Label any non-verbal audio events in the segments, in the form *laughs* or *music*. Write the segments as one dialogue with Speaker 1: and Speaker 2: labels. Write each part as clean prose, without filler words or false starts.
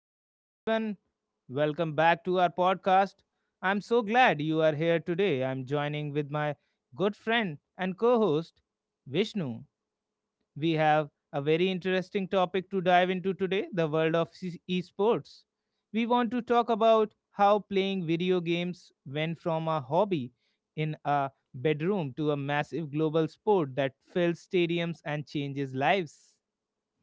Speaker 1: Hello, everyone. Welcome back to our podcast. I'm so glad you are here today. I'm joining with my good friend and co host, Vishnu. We have a very interesting topic to dive into today the world of esports. We want to talk about how playing video games went from a hobby in a bedroom to a massive global sport that fills stadiums and changes lives.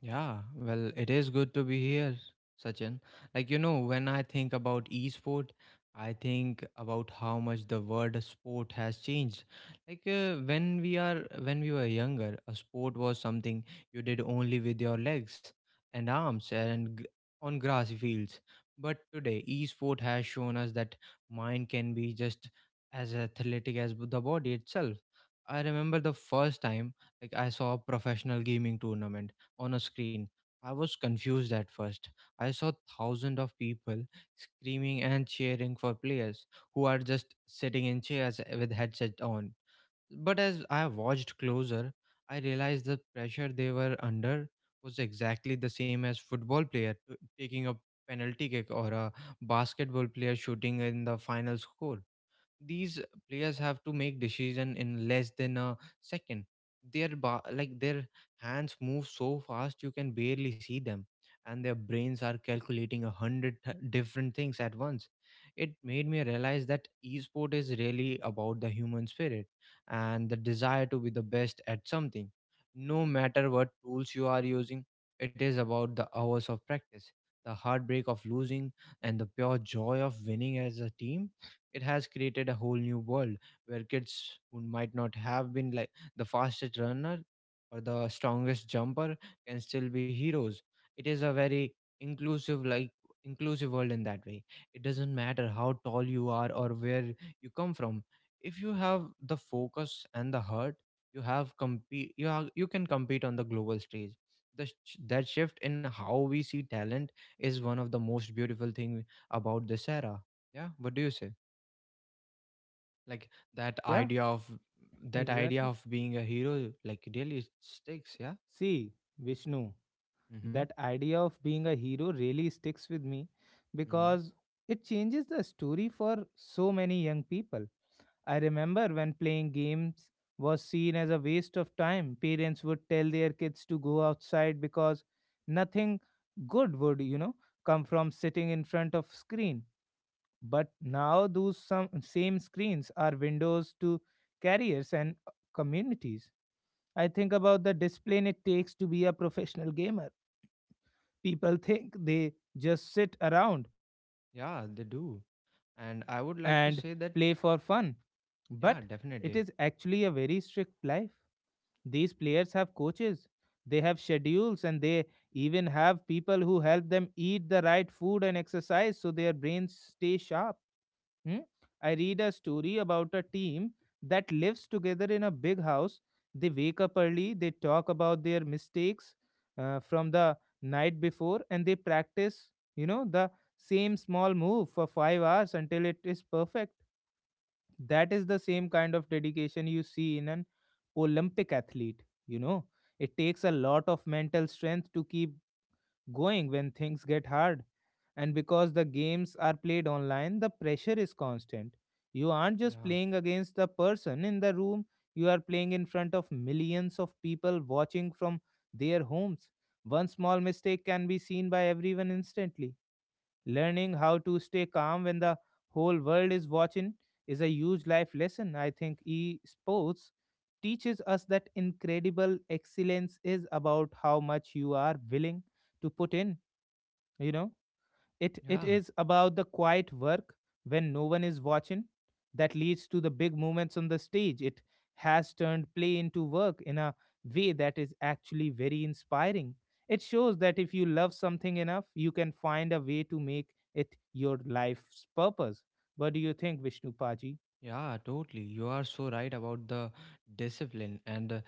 Speaker 2: Yeah, well, it is good to be here, Sachin. When I think about e-sport, I think about how much the word sport has changed. When we were younger, a sport was something you did only with your legs and arms and gr on grass fields. But today, e-sport has shown us that mind can be just as athletic as the body itself. I remember the first time I saw a professional gaming tournament on a screen. I was confused at first. I saw thousands of people screaming and cheering for players who are just sitting in chairs with headset on. But as I watched closer, I realized the pressure they were under was exactly the same as football player taking a penalty kick or a basketball player shooting in the final score. These players have to make decision in less than a second. Their their hands move so fast you can barely see them, and their brains are calculating a hundred different things at once. It made me realize that esport is really about the human spirit and the desire to be the best at something, no matter what tools you are using. It is about the hours of practice, the heartbreak of losing, and the pure joy of winning as a team. It has created a whole new world where kids who might not have been the fastest runner or the strongest jumper can still be heroes. It is a very inclusive like inclusive world in that way. It doesn't matter how tall you are or where you come from. If you have the focus and the heart, you can compete on the global stage. That shift in how we see talent is one of the most beautiful thing about this era. Yeah, what do you say? like that
Speaker 1: Yeah,
Speaker 2: idea of that idea
Speaker 1: exactly.
Speaker 2: of being a hero really sticks, yeah.
Speaker 1: See, Vishnu.
Speaker 2: Mm-hmm.
Speaker 1: That idea of being a hero really sticks with me
Speaker 2: Mm-hmm.
Speaker 1: because it changes the story for so many young people. I remember when playing games was seen as a waste of time, parents would tell their kids to go outside because nothing good would, come from sitting in front of screen. But now those some same screens are windows to careers and communities. I think about the discipline it takes to be a professional gamer. People think they just sit around
Speaker 2: Yeah, they do. And I would like to
Speaker 1: and
Speaker 2: say that,
Speaker 1: play for fun,
Speaker 2: yeah,
Speaker 1: but it
Speaker 2: definitely.
Speaker 1: is actually a very strict life. These players have coaches, they have schedules, and they even have people who help them eat the right food and exercise so their brains stay sharp. Hmm? I read a story about a team that lives together in a big house. They wake up early, they talk about their mistakes from the night before, and they practice, the same small move for 5 hours until it is perfect. That is the same kind of dedication you see in an Olympic athlete, you know. It takes a lot of mental strength to keep going when things get hard. And because the games are played online, the pressure is constant. You aren't just
Speaker 2: Yeah,
Speaker 1: playing against the person in the room, you are playing in front of millions of people watching from their homes. One small mistake can be seen by everyone instantly. Learning how to stay calm when the whole world is watching is a huge life lesson. I think e-sports teaches us that incredible excellence is about how much you are willing to put in you know it it
Speaker 2: yeah.
Speaker 1: is about the quiet work when no one is watching that leads to the big moments on the stage. It has turned play into work in a way that is actually very inspiring. It shows that if you love something enough you can find a way to make it your life's purpose. What do you think, Vishnu Paji?
Speaker 2: Yeah, totally. You are so right about the discipline, and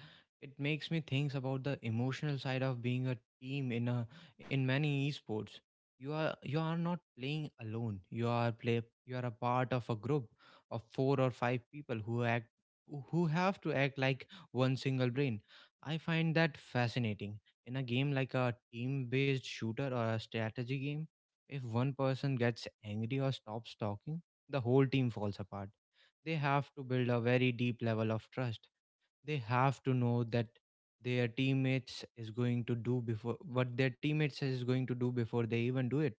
Speaker 2: it makes me think about the emotional side of being a team in many esports. You are not playing alone. You are a part of a group of four or five people who have to act like one single brain. I find that fascinating. In a game like a team-based shooter or a strategy game, if one person gets angry or stops talking, the whole team falls apart. They have to build a very deep level of trust. They have to know that their teammates is going to do before what their teammates is going to do before they even do it.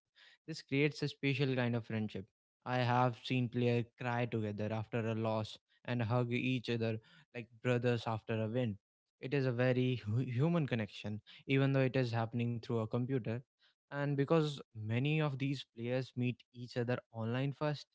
Speaker 2: This creates a special kind of friendship. I have seen players cry together after a loss and hug each other like brothers after a win. It is a very human connection, even though it is happening through a computer. And because many of these players meet each other online first,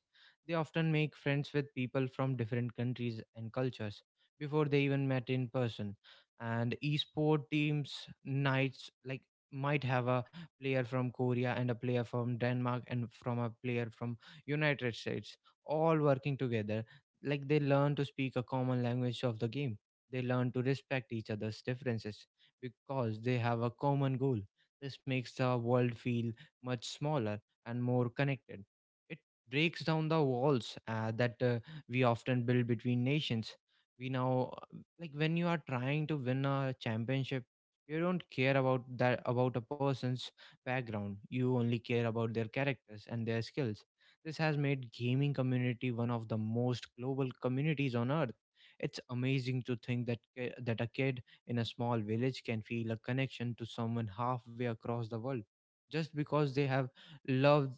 Speaker 2: they often make friends with people from different countries and cultures before they even met in person. And esport teams nights like might have a player from Korea and a player from Denmark and from a player from United States all working together. Like they learn to speak a common language of the game. They learn to respect each other's differences because they have a common goal. This makes the world feel much smaller and more connected. It breaks down the walls that we often build between nations. We now when you are trying to win a championship, you don't care about a person's background. You only care about their characters and their skills. This has made gaming community one of the most global communities on earth. It's amazing to think that a kid in a small village can feel a connection to someone halfway across the world, just because they have love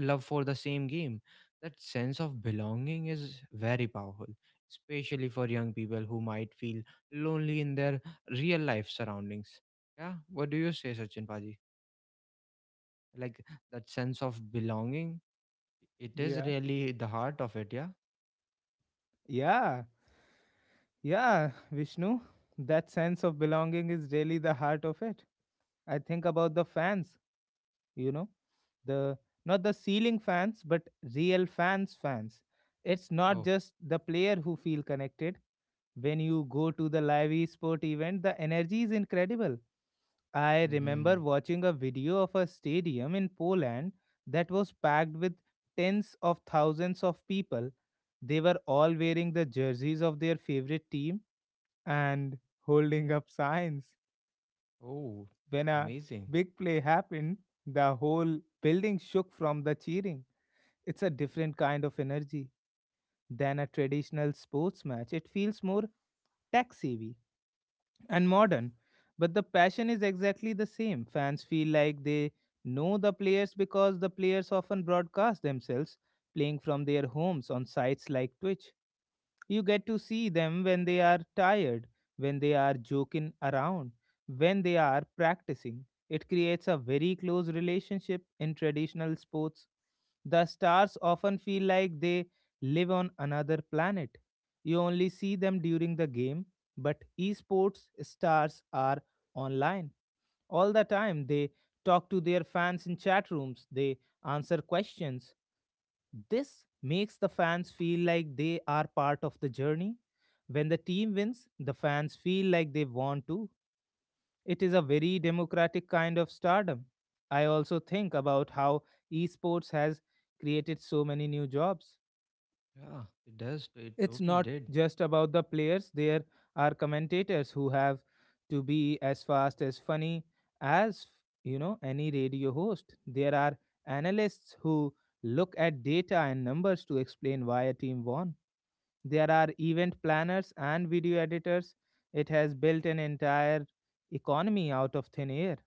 Speaker 2: love for the same game. That sense of belonging is very powerful, especially for young people who might feel lonely in their real life surroundings. Yeah, what do you say, Sachin Paji? Like that sense of belonging, it is
Speaker 1: yeah
Speaker 2: really the heart of it. Yeah.
Speaker 1: yeah yeah Vishnu, that sense of belonging is really the heart of it. I think about the fans, you know, the not the ceiling fans but real fans fans. It's not
Speaker 2: Oh.
Speaker 1: just the player who feel connected. When you go to the live sport event the energy is incredible. I remember
Speaker 2: Hmm.
Speaker 1: watching a video of a stadium in Poland that was packed with tens of thousands of people. They were all wearing the jerseys of their favorite team and holding up signs.
Speaker 2: Oh,
Speaker 1: When a
Speaker 2: amazing.
Speaker 1: big play happened, the whole building shook from the cheering. It's a different kind of energy than a traditional sports match. It feels more tech savvy and modern, but the passion is exactly the same. Fans feel like they know the players because the players often broadcast themselves playing from their homes on sites like Twitch. You get to see them when they are tired, when they are joking around, when they are practicing. It creates a very close relationship in traditional sports. The stars often feel like they live on another planet. You only see them during the game, but esports stars are online all the time. They talk to their fans in chat rooms, they answer questions, this makes the fans feel like they are part of the journey. When the team wins, the fans feel like they won too. It is a very democratic kind of stardom. I also think about how esports has created so many new jobs.
Speaker 2: Yeah, it does. It
Speaker 1: It's
Speaker 2: totally
Speaker 1: not
Speaker 2: did.
Speaker 1: just about the players, there are commentators who have to be as fast as funny as, you know, any radio host. There are analysts who look at data and numbers to explain why a team won. There are event planners and video editors. It has built an entire economy out of thin air.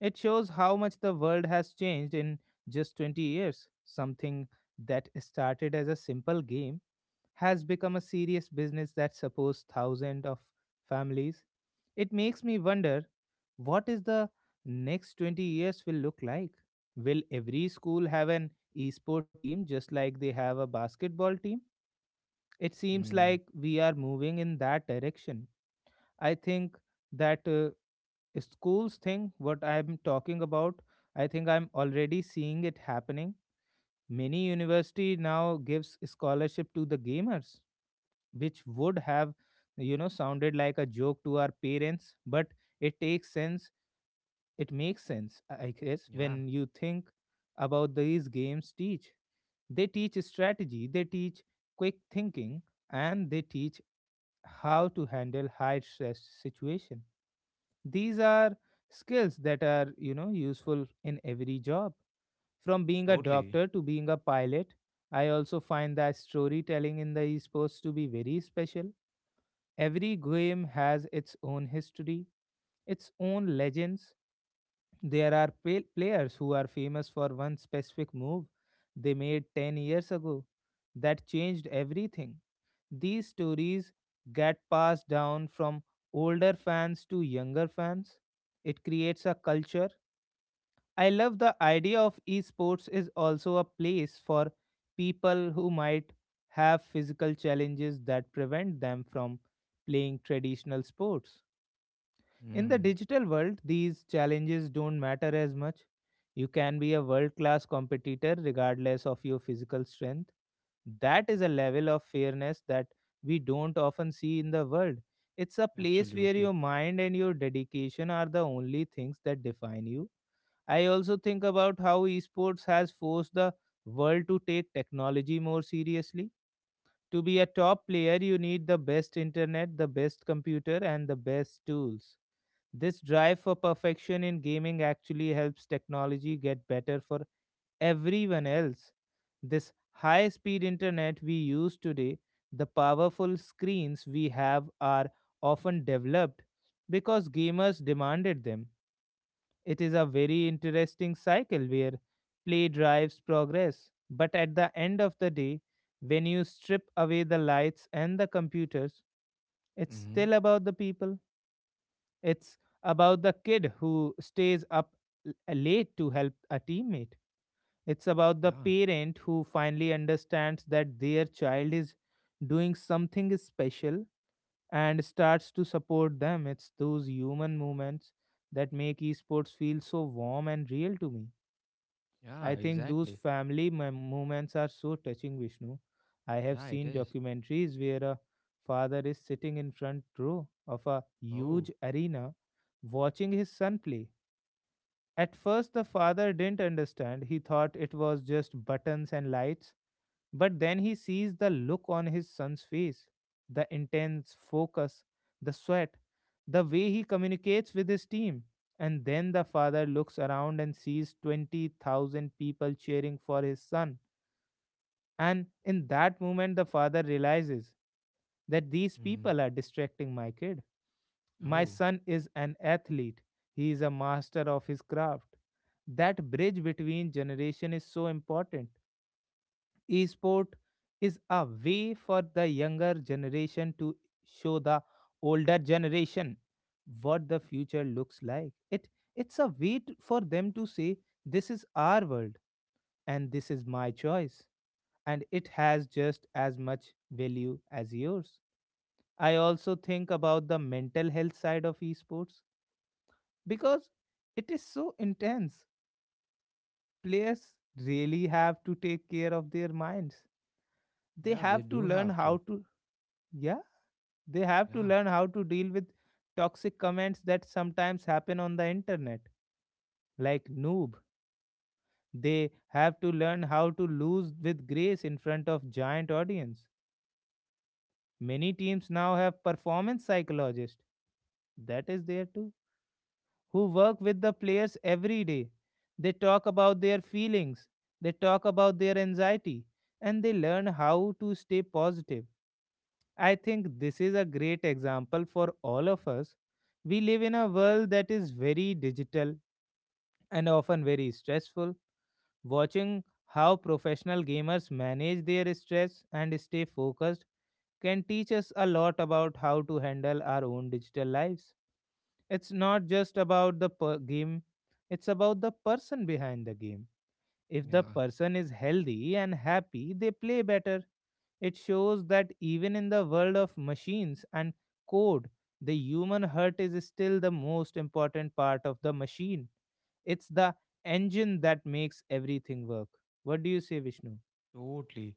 Speaker 1: It shows how much the world has changed in just 20 years. Something that started as a simple game has become a serious business that supports thousands of families. It makes me wonder what is the next 20 years will look like? Will every school have an esport team just like they have a basketball team? It seems
Speaker 2: Mm.
Speaker 1: like we are moving in that direction. I think that schools thing, what I'm talking about, I think I'm already seeing it happening. Many university now gives scholarship to the gamers, which would have, you know, sounded like a joke to our parents, but it takes sense. It makes sense, I guess,
Speaker 2: Yeah.
Speaker 1: when you think about these games teach. They teach strategy, they teach quick thinking, and they teach how to handle high stress situation. These are skills that are, you know, useful in every job, from being a
Speaker 2: Totally.
Speaker 1: doctor to being a pilot. I also find that storytelling in the esports to be very special. Every game has its own history, its own legends. There are players who are famous for one specific move they made 10 years ago that changed everything. These stories get passed down from older fans to younger fans. It creates a culture. I love the idea of esports is also a place for people who might have physical challenges that prevent them from playing traditional sports. In the
Speaker 2: Mm.
Speaker 1: digital world, these challenges don't matter as much. You can be a world class competitor regardless of your physical strength. That is a level of fairness that we don't often see in the world. It's a place where
Speaker 2: Absolutely.
Speaker 1: your mind and your dedication are the only things that define you. I also think about how esports has forced the world to take technology more seriously. To be a top player, you need the best internet, the best computer, and the best tools. This drive for perfection in gaming actually helps technology get better for everyone else. This high speed internet we use today, the powerful screens we have are often developed because gamers demanded them. It is a very interesting cycle where play drives progress. But at the end of the day, when you strip away the lights and the computers, it's
Speaker 2: Hmm.
Speaker 1: still about the people. It's about the kid who stays up late to help a teammate. It's about the
Speaker 2: Yeah.
Speaker 1: parent who finally understands that their child is doing something special and starts to support them. It's those human moments that make esports feel so warm and real to me.
Speaker 2: Yeah.
Speaker 1: I think those
Speaker 2: Exactly.
Speaker 1: family moments are so touching, Vishnu. I have
Speaker 2: Yeah. It
Speaker 1: seen
Speaker 2: is.
Speaker 1: documentaries where a father is sitting in front row of a
Speaker 2: Oh.
Speaker 1: huge arena watching his son play. At first, the father didn't understand. He thought it was just buttons and lights. But then he sees the look on his son's face, the intense focus, the sweat, the way he communicates with his team. And then the father looks around and sees 20,000 people cheering for his son. And in that moment, the father realizes that these
Speaker 2: Mm.
Speaker 1: people are distracting my kid. My
Speaker 2: Oh.
Speaker 1: son is an athlete, he is a master of his craft. That bridge between generation is so important. Esport is a way for the younger generation to show the older generation what the future looks like. It's a way to, for them to say this is our world and this is my choice and it has just as much value as yours. I also think about the mental health side of esports because it is so intense. Players really have to take care of their minds. They
Speaker 2: Yeah. They
Speaker 1: have to
Speaker 2: do
Speaker 1: learn
Speaker 2: have
Speaker 1: how
Speaker 2: to.
Speaker 1: to, yeah, they have to
Speaker 2: Yeah.
Speaker 1: learn how to deal with toxic comments that sometimes happen on the internet, like noob. They have to learn how to lose with grace in front of giant audience. Many teams now have performance psychologists. That is there too. Who work with the players every day. They talk about their feelings. They talk about their anxiety. And they learn how to stay positive. I think this is a great example for all of us. We live in a world that is very digital and often very stressful. Watching how professional gamers manage their stress and stay focused can teach us a lot about how to handle our own digital lives. It's not just about the game, it's about the person behind the game. If the
Speaker 2: Yeah.
Speaker 1: person is healthy and happy, they play better. It shows that even in the world of machines and code, the human heart is still the most important part of the machine. It's the engine that makes everything work. What do you say, Vishnu?
Speaker 2: Totally.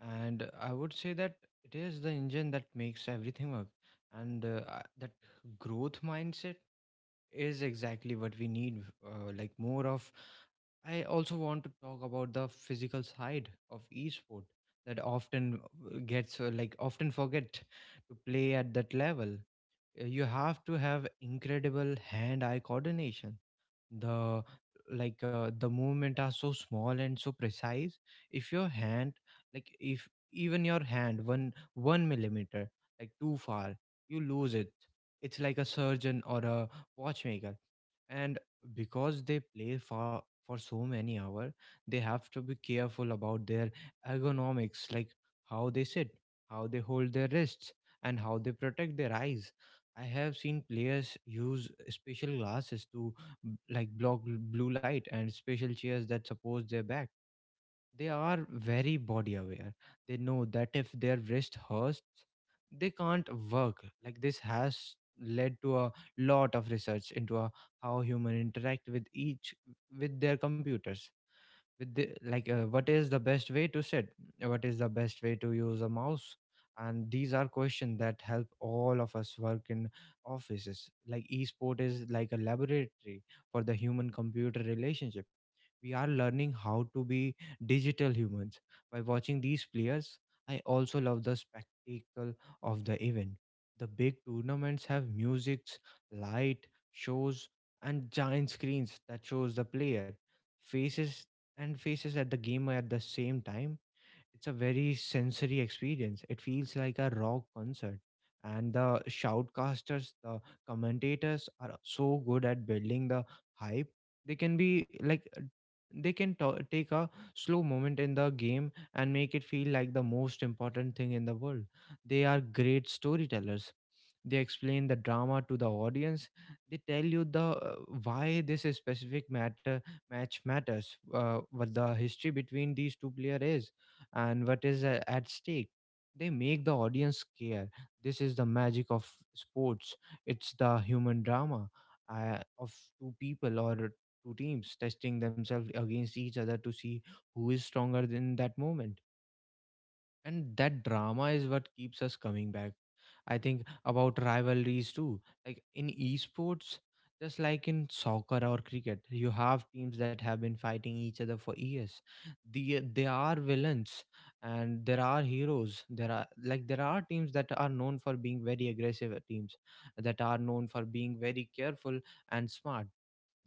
Speaker 2: And I would say that it is the engine that makes everything work. And that growth mindset is exactly what we need, more of. I also want to talk about the physical side of esport that often gets often forget to play at that level. You have to have incredible hand-eye coordination. The the movement are so small and so precise. If your hand if even your hand one millimeter too far, you lose it. It's like a surgeon or a watchmaker. And because they play for so many hours, they have to be careful about their ergonomics, like how they sit, how they hold their wrists, and how they protect their eyes. I have seen players use special glasses to block blue light, and special chairs that support their back. They are very body aware. They know that if their wrist hurts, they can't work. Like this has led to a lot of research into how human interact with their computers, with the, like what is the best way to sit, what is the best way to use a mouse. And these are questions that help all of us work in offices. Like esport is like a laboratory for the human computer relationship. We are learning how to be digital humans by watching these players. I also love the spectacle of the event. The big tournaments have musics, light shows, and giant screens that shows the player faces and faces at the game at the same time. It's a very sensory experience. It feels like a rock concert. And the shoutcasters, the commentators are so good at building the hype. They can be like, they can ta take a slow moment in the game and make it feel like the most important thing in the world. They are great storytellers. They explain the drama to the audience. They tell you the why this specific matter match matters, what the history between these two player is, and what is at stake. They make the audience care. This is the magic of sports. It's the human drama, of two people or two teams testing themselves against each other to see who is stronger in that moment. And that drama is what keeps us coming back. I think about rivalries too. Like in esports, just like in soccer or cricket, you have teams that have been fighting each other for years. They are villains and there are heroes. There are teams that are known for being very aggressive, teams that are known for being very careful and smart.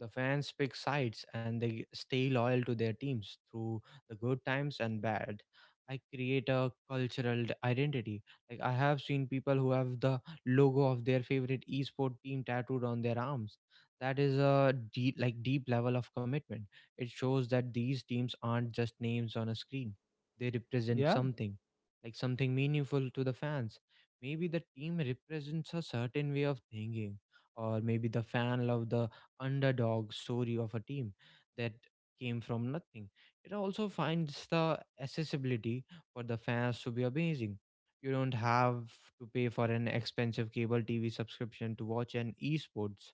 Speaker 2: The fans pick sides and they stay loyal to their teams through the good times and bad. I create a cultural identity. Like I have seen people who have the logo of their favorite esport team tattooed on their arms. That is a deep, deep level of commitment. It shows that these teams aren't just names on a screen. They represent
Speaker 1: Yeah,
Speaker 2: something, something meaningful to the fans. Maybe the team represents a certain way of thinking, or maybe the fan love the underdog story of a team that came from nothing. It also finds the accessibility for the fans to be amazing. You don't have to pay for an expensive cable TV subscription to watch an esports.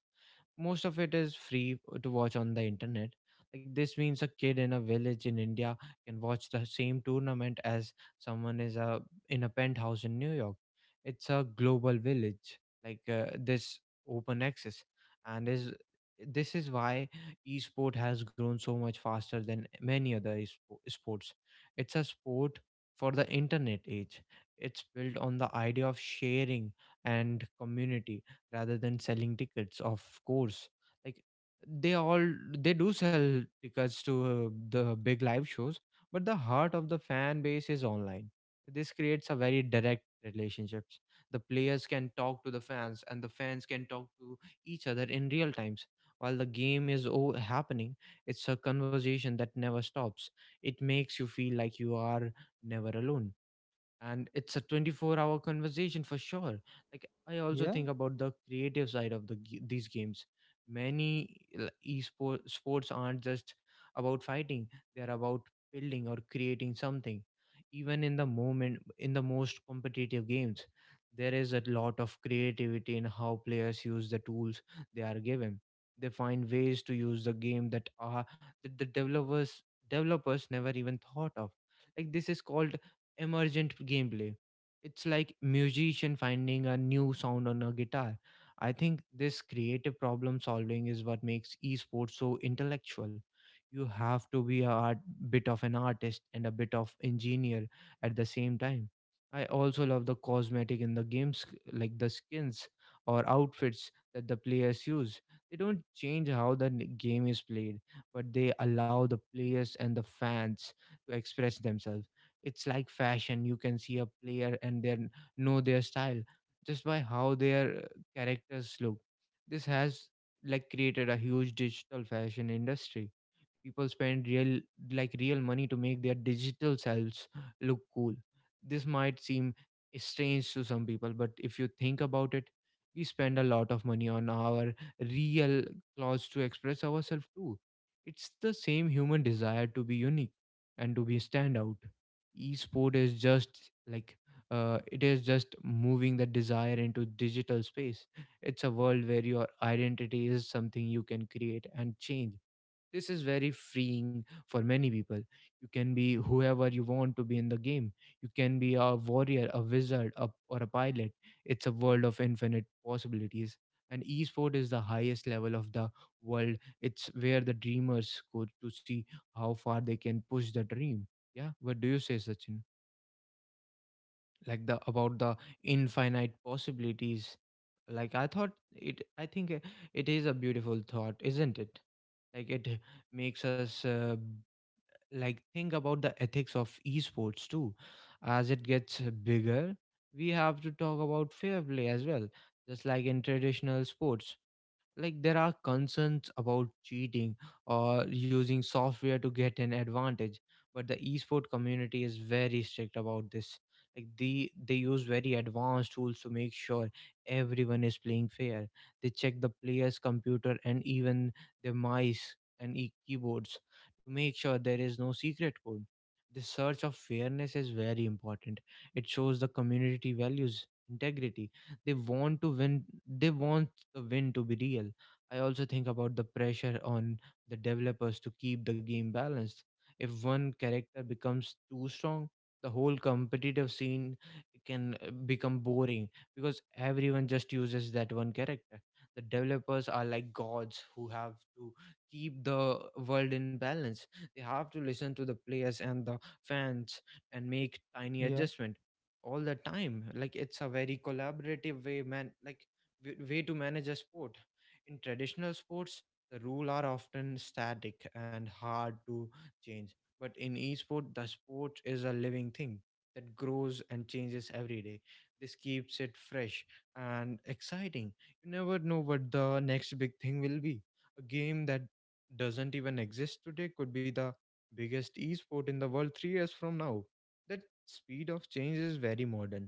Speaker 2: Most of it is free, to watch on the internet. Like this means a kid in a village in India can watch the same tournament as someone is a in a penthouse in New York. It's a global village. This open access and is this is why esport has grown so much faster than many other sports. It's a sport for the internet age. It's built on the idea of sharing and community rather than selling tickets, of course. Like they all they do sell tickets to the big live shows, but the heart of the fan base is online. This creates a very direct relationships. The players can talk to the fans and the fans can talk to each other in real times while the game is happening. It's a conversation that never stops. It makes you feel like you are never alone, and it's a 24-hour conversation for sure. Like I also
Speaker 1: yeah,
Speaker 2: think about the creative side of these games. Many esport sports aren't just about fighting, they're about building or creating something. Even in the moment in the most competitive games, there is a lot of creativity in how players use the tools they are given. They find ways to use the game that are that the developers never even thought of. Like this is called emergent gameplay. It's like musician finding a new sound on a guitar. I think this creative problem solving is what makes esports so intellectual. You have to be bit of an artist and a bit of engineer at the same time. I also love the cosmetic in the games, like the skins or outfits that the players use. They don't change how the game is played, but they allow the players and the fans to express themselves. It's like fashion. You can see a player and then know their style just by how their characters look. This has like created a huge digital fashion industry. People spend real like real money to make their digital selves look cool. This might seem strange to some people, but if you think about it, we spend a lot of money on our real clothes to express ourselves too. It's the same human desire to be unique and to be stand out. Esport is just like it is just moving the desire into digital space. It's a world where your identity is something you can create and change. This is very freeing for many people. You can be whoever you want to be in the game. You can be a warrior, a wizard, a, or a pilot. It's a world of infinite possibilities. And esport is the highest level of the world. It's where the dreamers go to see how far they can push the dream. Yeah, what do you say, Sachin? Like the about the infinite possibilities. Like I thought it. I think it is a beautiful thought, isn't it? Like it makes us like think about the ethics of esports too as it gets bigger. We have to talk about fair play as well, just like in traditional sports. Like there are concerns about cheating or using software to get an advantage, but the esport community is very strict about this. Like they use very advanced tools to make sure everyone is playing fair. They check the player's computer and even their mice and keyboards to make sure there is no secret code. The search of fairness is very important. It shows the community values integrity. They want to win, they want the win to be real. I also think about the pressure on the developers to keep the game balanced. If one character becomes too strong, the whole competitive scene can become boring because everyone just uses that one character. The developers are like gods who have to keep the world in balance. They have to listen to the players and the fans and make tiny
Speaker 1: yeah.
Speaker 2: adjustment all the time. Like it's a very collaborative way, man, like way to manage a sport. In traditional sports the rule are often static and hard to change, but in esport the sport is a living thing that grows and changes every day. This keeps it fresh and exciting. You never know what the next big thing will be. A game that doesn't even exist today could be the biggest esport in the world 3 years from now. That. Speed of change is very modern.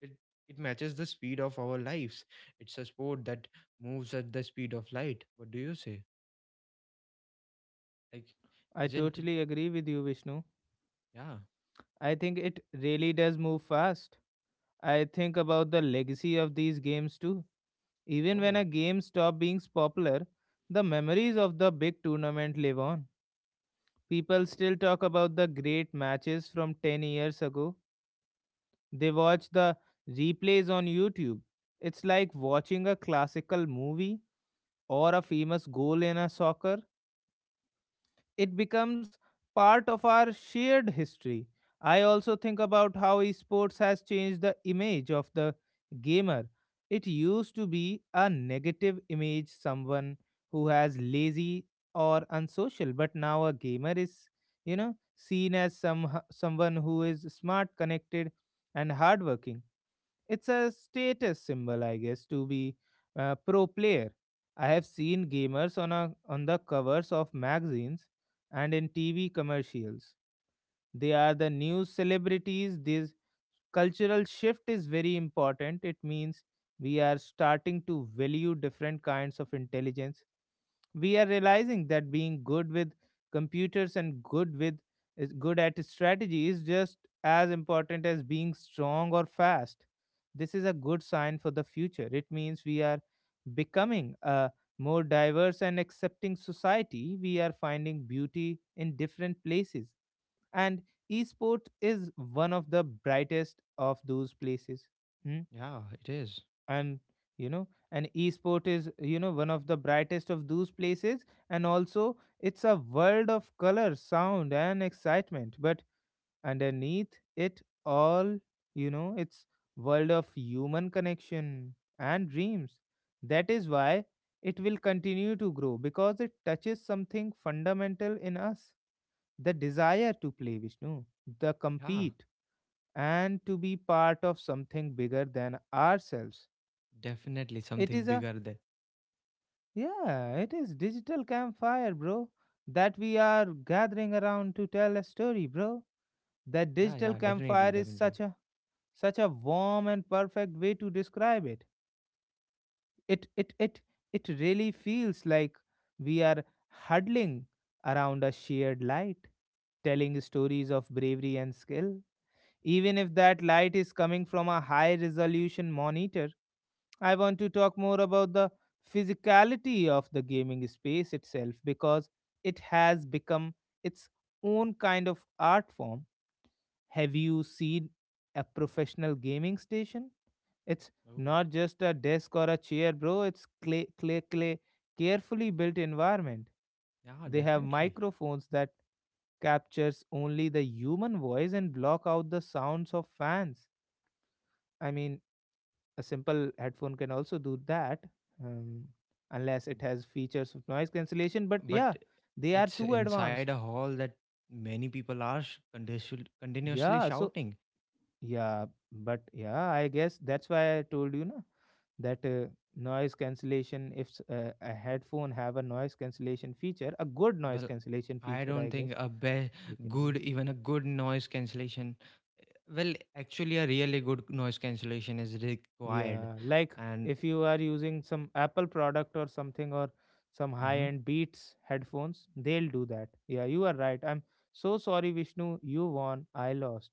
Speaker 2: It it matches the speed of our lives. It's a sport that moves at the speed of light. What do you say? Like,
Speaker 1: I
Speaker 2: isn't it?
Speaker 1: totally agree with you, Vishnu.
Speaker 2: Yeah.
Speaker 1: I think it really does move fast. I think about the legacy of these games too. Even when
Speaker 2: Oh,
Speaker 1: a game stopped being popular, the memories of the big tournament live on. People still talk about the great matches from 10 years ago. They watch the replays on YouTube. It's like watching a classical movie or a famous goal in a soccer. It becomes part of our shared history. I also think about how esports has changed the image of the gamer. It used to be a negative image, someone who has lazy or unsocial, but now a gamer is, seen as someone who is smart, connected, and hardworking. It's a status symbol, I guess, to be a pro player. I have seen gamers on a on the covers of magazines and in TV commercials. They are the new celebrities. This cultural shift is very important. It means we are starting to value different kinds of intelligence. We are realizing that being good with computers and good with is good at strategy is just as important as being strong or fast. This is a good sign for the future. It means we are becoming a more diverse and accepting society. We are finding beauty in different places, and esport is one of the brightest of those places. Hmm.
Speaker 2: yeah. It is.
Speaker 1: And you know and esport is, one of the brightest of those places, and also it's a world of color, sound, and excitement. But underneath it all, it's world of human connection and dreams. That is why it will continue to grow, because it touches something fundamental in us. The desire to play, Vishnu, the
Speaker 2: Yeah,
Speaker 1: compete and to be part of something bigger than ourselves.
Speaker 2: definitely
Speaker 1: It
Speaker 2: something
Speaker 1: is a,
Speaker 2: bigger than.
Speaker 1: yeah, it is digital campfire, bro, that we are gathering around to tell a story, bro. That
Speaker 2: Yeah,
Speaker 1: digital
Speaker 2: yeah, definitely,
Speaker 1: campfire is
Speaker 2: definitely.
Speaker 1: such a such a warm and perfect way to describe it. It it really feels like we are huddling around a shared light, telling stories of bravery and skill. Even if that light is coming from a high resolution monitor. I want to talk more about the physicality of the gaming space itself, because it has become its own kind of art form. Have you seen a professional gaming station? It's
Speaker 2: Oh,
Speaker 1: not just a desk or a chair, bro. It's clay, clay, clay, carefully built environment.
Speaker 2: yeah,
Speaker 1: They have
Speaker 2: definitely.
Speaker 1: microphones that captures only the human voice and block out the sounds of fans. I mean, a simple headphone can also do that, um, unless it has features of noise cancellation, but
Speaker 2: But
Speaker 1: yeah, they are
Speaker 2: it's
Speaker 1: too
Speaker 2: inside a
Speaker 1: advanced.
Speaker 2: hall that many people are continuously
Speaker 1: Yeah, so
Speaker 2: shouting.
Speaker 1: yeah, but yeah, I guess that's why I told you na that noise cancellation, if a headphone have a noise cancellation feature, a good noise
Speaker 2: Well,
Speaker 1: cancellation
Speaker 2: I
Speaker 1: feature,
Speaker 2: don't
Speaker 1: I
Speaker 2: think
Speaker 1: guess they can
Speaker 2: good,
Speaker 1: do.
Speaker 2: even a good noise cancellation. Well, actually, a really good noise cancellation is required.
Speaker 1: Yeah, like
Speaker 2: And
Speaker 1: if you are using some Apple product or something or some
Speaker 2: mm-hmm,
Speaker 1: high-end Beats headphones, they'll do that. Yeah, you are right. I'm so sorry, Vishnu. You won, I lost.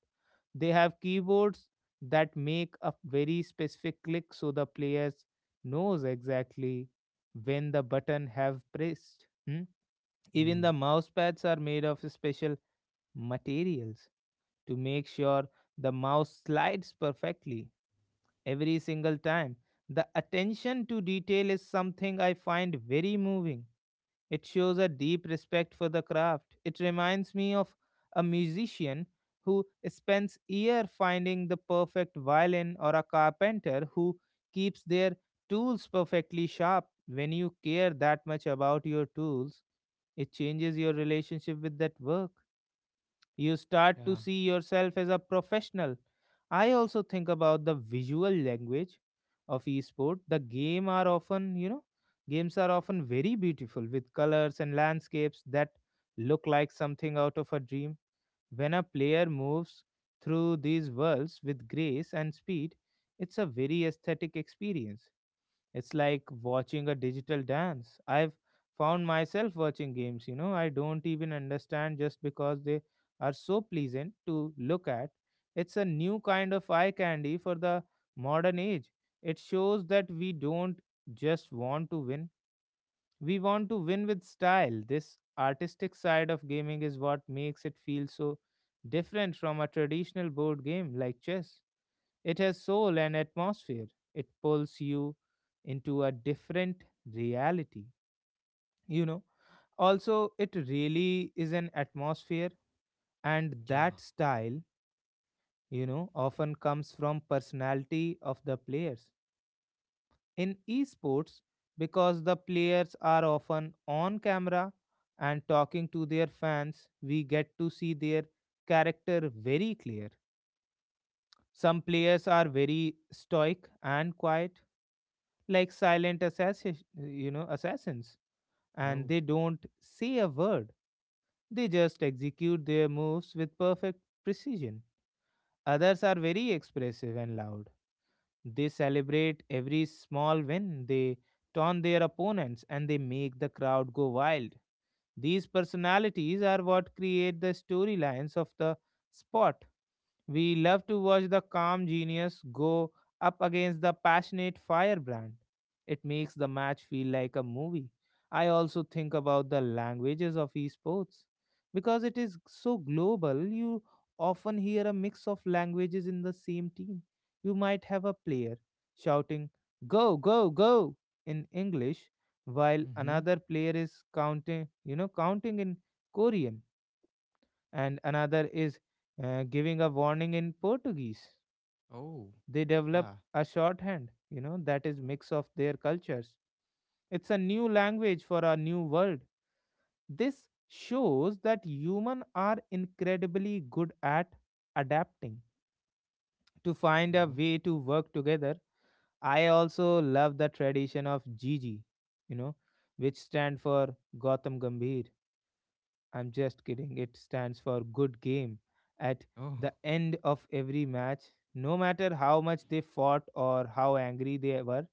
Speaker 1: They have keyboards that make a very specific click so the players knows exactly when the button have pressed. Hmm? Even the
Speaker 2: mm,
Speaker 1: mouse pads are made of special materials to make sure the mouse slides perfectly every single time. The attention to detail is something I find very moving. It shows a deep respect for the craft. It reminds me of a musician who spends year finding the perfect violin, or a carpenter who keeps their tools perfectly sharp. When you care that much about your tools, it changes your relationship with that work. You start to
Speaker 2: yeah,
Speaker 1: see yourself as a professional. I also think about the visual language of esport. The game are often, games are often very beautiful with colors and landscapes that look like something out of a dream. When a player moves through these worlds with grace and speed, it's a very aesthetic experience. It's like watching a digital dance. I've found myself watching games, I don't even understand, just because they are so pleasant to look at. It's a new kind of eye candy for the modern age. It shows that we don't just want to win, we want to win with style. This artistic side of gaming is what makes it feel so different from a traditional board game like chess. It has soul and atmosphere. It pulls you into a different reality. You know, also, it really is an atmosphere, and
Speaker 2: yeah.
Speaker 1: that style, often comes from personality of the players. In esports, because the players are often on camera and talking to their fans, we get to see their character very clear. Some players are very stoic and quiet, like silent assassin, assassins, and
Speaker 2: Oh,
Speaker 1: they don't say a word. They just execute their moves with perfect precision. Others are very expressive and loud. They celebrate every small win. They taunt their opponents and they make the crowd go wild. These personalities are what create the storylines of the sport. We love to watch the calm genius go up against the passionate firebrand. It makes the match feel like a movie. I also think about the languages of esports. Because it is so global, you often hear a mix of languages in the same team. You might have a player shouting, "Go, go, go" in English, while
Speaker 2: mm-hmm.
Speaker 1: another player is counting, counting in Korean, and another is giving a warning in Portuguese.
Speaker 2: Oh,
Speaker 1: They develop
Speaker 2: yeah.
Speaker 1: a shorthand, that is mix of their cultures. It's a new language for a new world. This shows that human are incredibly good at adapting to find a
Speaker 2: Oh,
Speaker 1: way to work together. I also love the tradition of Gigi, you know, which stand for Gautam Gambhir. I'm just kidding. It stands for good game. At
Speaker 2: oh,
Speaker 1: the end of every match, no matter how much they fought or how angry they were,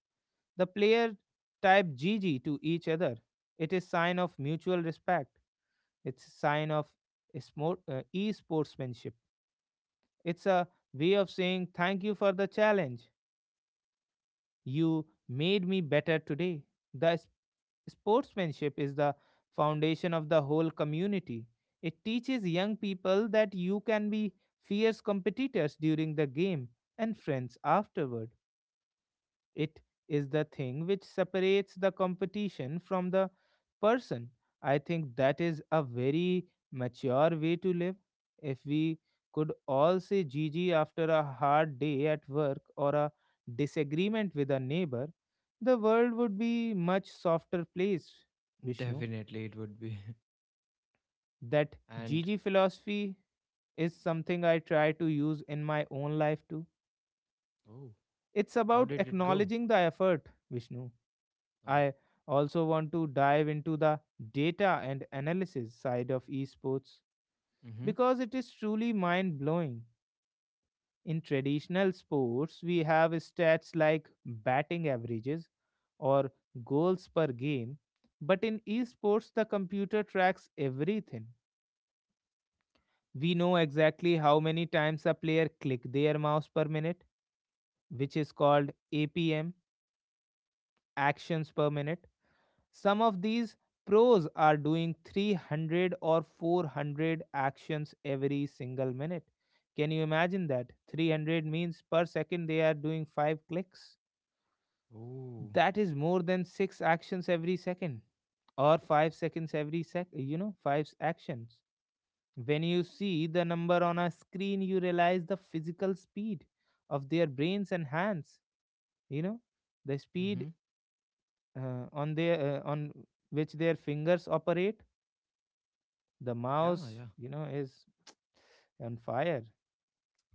Speaker 1: the player type GG to each other. It is sign of mutual respect. It's sign of e-sportsmanship. It's a way of saying thank you for the challenge. You made me better today. The sportsmanship is the foundation of the whole community. It teaches young people that you can be fierce competitors during the game and friends afterward. It is the thing which separates the competition from the person. I think that is a very mature way to live. If we could all say GG after a hard day at work or a disagreement with a neighbor, the world would be much softer place, Vishnu.
Speaker 2: definitely it would be. *laughs*
Speaker 1: That
Speaker 2: And
Speaker 1: GG philosophy is something I try to use in my own life too.
Speaker 2: oh,
Speaker 1: It's
Speaker 2: how
Speaker 1: about
Speaker 2: did it go?
Speaker 1: acknowledging the effort, Vishnu.
Speaker 2: Oh,
Speaker 1: I also want to dive into the data and analysis side of esports
Speaker 2: mm-hmm.
Speaker 1: because it is truly mind blowing. In traditional sports, we have stats like batting averages or goals per game, but in esports, the computer tracks everything. We know exactly how many times a player click their mouse per minute, which is called APM, actions per minute. Some of these pros are doing 300 or 400 actions every single minute. Can you imagine that? 300 means per second they are doing 5 clicks.
Speaker 2: Oh,
Speaker 1: That is more than 6 actions every second, or 5 seconds every sec, actions. When you see the number on a screen, you realize the physical speed of their brains and hands, you know, the speed
Speaker 2: mm-hmm.
Speaker 1: on which their fingers operate the
Speaker 2: Yeah,
Speaker 1: mouse,
Speaker 2: yeah,
Speaker 1: is on fire.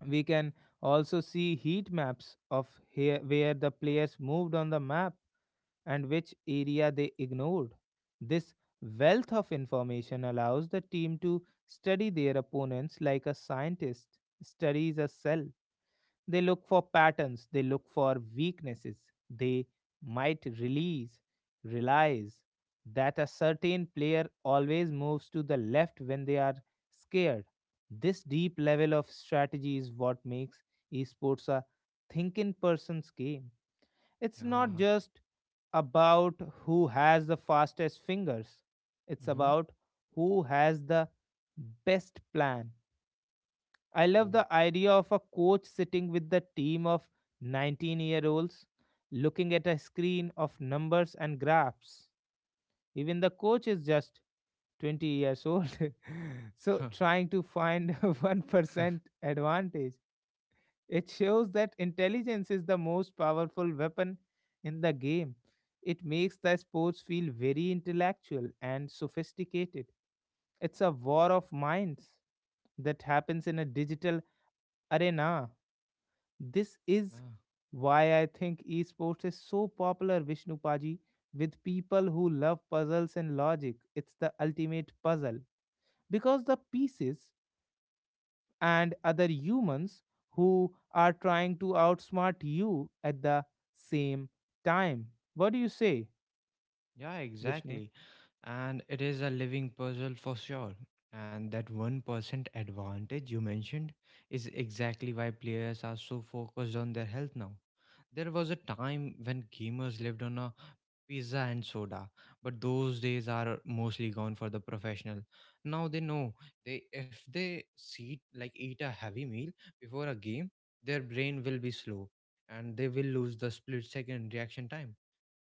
Speaker 1: We can also see heat maps of here where the players moved on the map and which area they ignored. This wealth of information allows the team to study their opponents like a scientist studies a cell. They look for patterns, they look for weaknesses. They might release, realize that a certain player always moves to the left when they are scared. This deep level of strategy is what makes esports a thinking person's game. It's not
Speaker 2: yeah.
Speaker 1: just about who has the fastest fingers, it's
Speaker 2: Mm-hmm.
Speaker 1: about who has the best plan. I love
Speaker 2: Oh,
Speaker 1: the idea of a coach sitting with the team of 19-year-olds looking at a screen of numbers and graphs. Even the coach is just 20 years old. *laughs* So
Speaker 2: *laughs*
Speaker 1: trying to find a *laughs* 1% advantage. It shows that intelligence is the most powerful weapon in the game. It makes the sports feel very intellectual and sophisticated. It's a war of minds that happens in a digital arena. This is
Speaker 2: yeah,
Speaker 1: why I think esports is so popular, Vishnu Paji, with people who love puzzles and logic. It's the ultimate puzzle because the pieces and other humans who are trying to outsmart you at the same time. What do you say,
Speaker 2: yeah.
Speaker 1: Vishnu?
Speaker 2: Exactly. And it is a living puzzle for sure. And that 1% advantage you mentioned is exactly why players are so focused on their health now. There was a time when gamers lived on a pizza and soda, but those days are mostly gone for the professional. Now they know they if they see like eat a heavy meal before a game, their brain will be slow and they will lose the split second reaction time.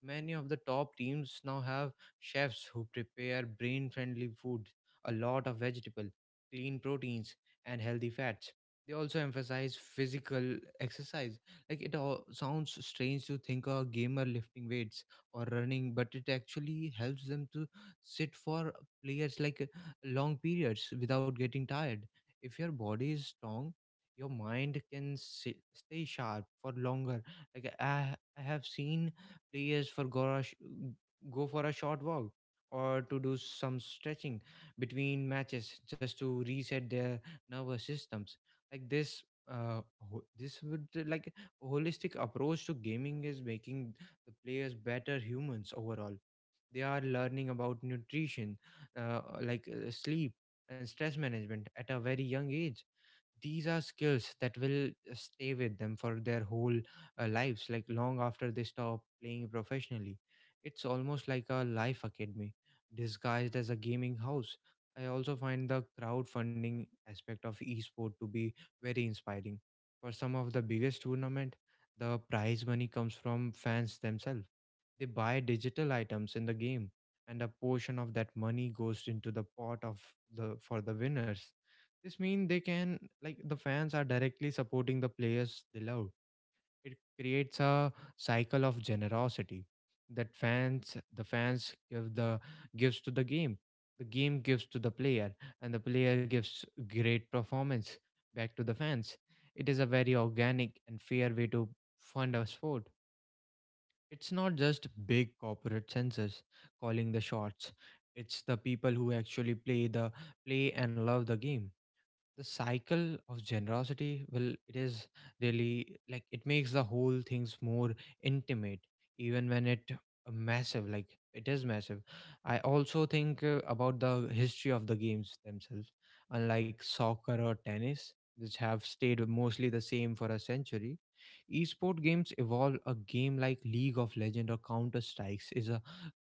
Speaker 2: Many of the top teams now have chefs who prepare brain friendly food, a lot of vegetable, clean proteins and healthy fats. They also emphasize physical exercise. Like it all sounds strange to think a gamer lifting weights or running, but it actually helps them to sit for players like long periods without getting tired. If your body is strong, your mind can stay sharp for longer. Like I have seen players for go, a sh- go for a short walk or to do some stretching between matches just to reset their nervous systems. Like uh, this would like holistic approach to gaming is making the players better humans overall. They are learning about nutrition, sleep and stress management at a very young age. These are skills that will stay with them for their whole lives, like long after they stop playing professionally. It's almost like a life academy disguised as a gaming house. I also find the crowdfunding aspect of esport to be very inspiring. For some of the biggest tournament, the prize money comes from fans themselves. They buy digital items in the game and a portion of that money goes into the pot of the for the winners. This means they can, like, the fans are directly supporting the players they love. It creates a cycle of generosity that the fans gives to the game gives to the player, and the player gives great performance back to the fans. It is a very organic and fair way to fund a sport. It's not just big corporate censors calling the shots. It's the people who actually play and love the game. The cycle of generosity, well, it is really like it makes the whole things more intimate even when it massive, like it is massive. I also think about the history of the games themselves. Unlike soccer or tennis, which have stayed mostly the same for a century, esport games evolve. A game like league of legend or counter strikes is a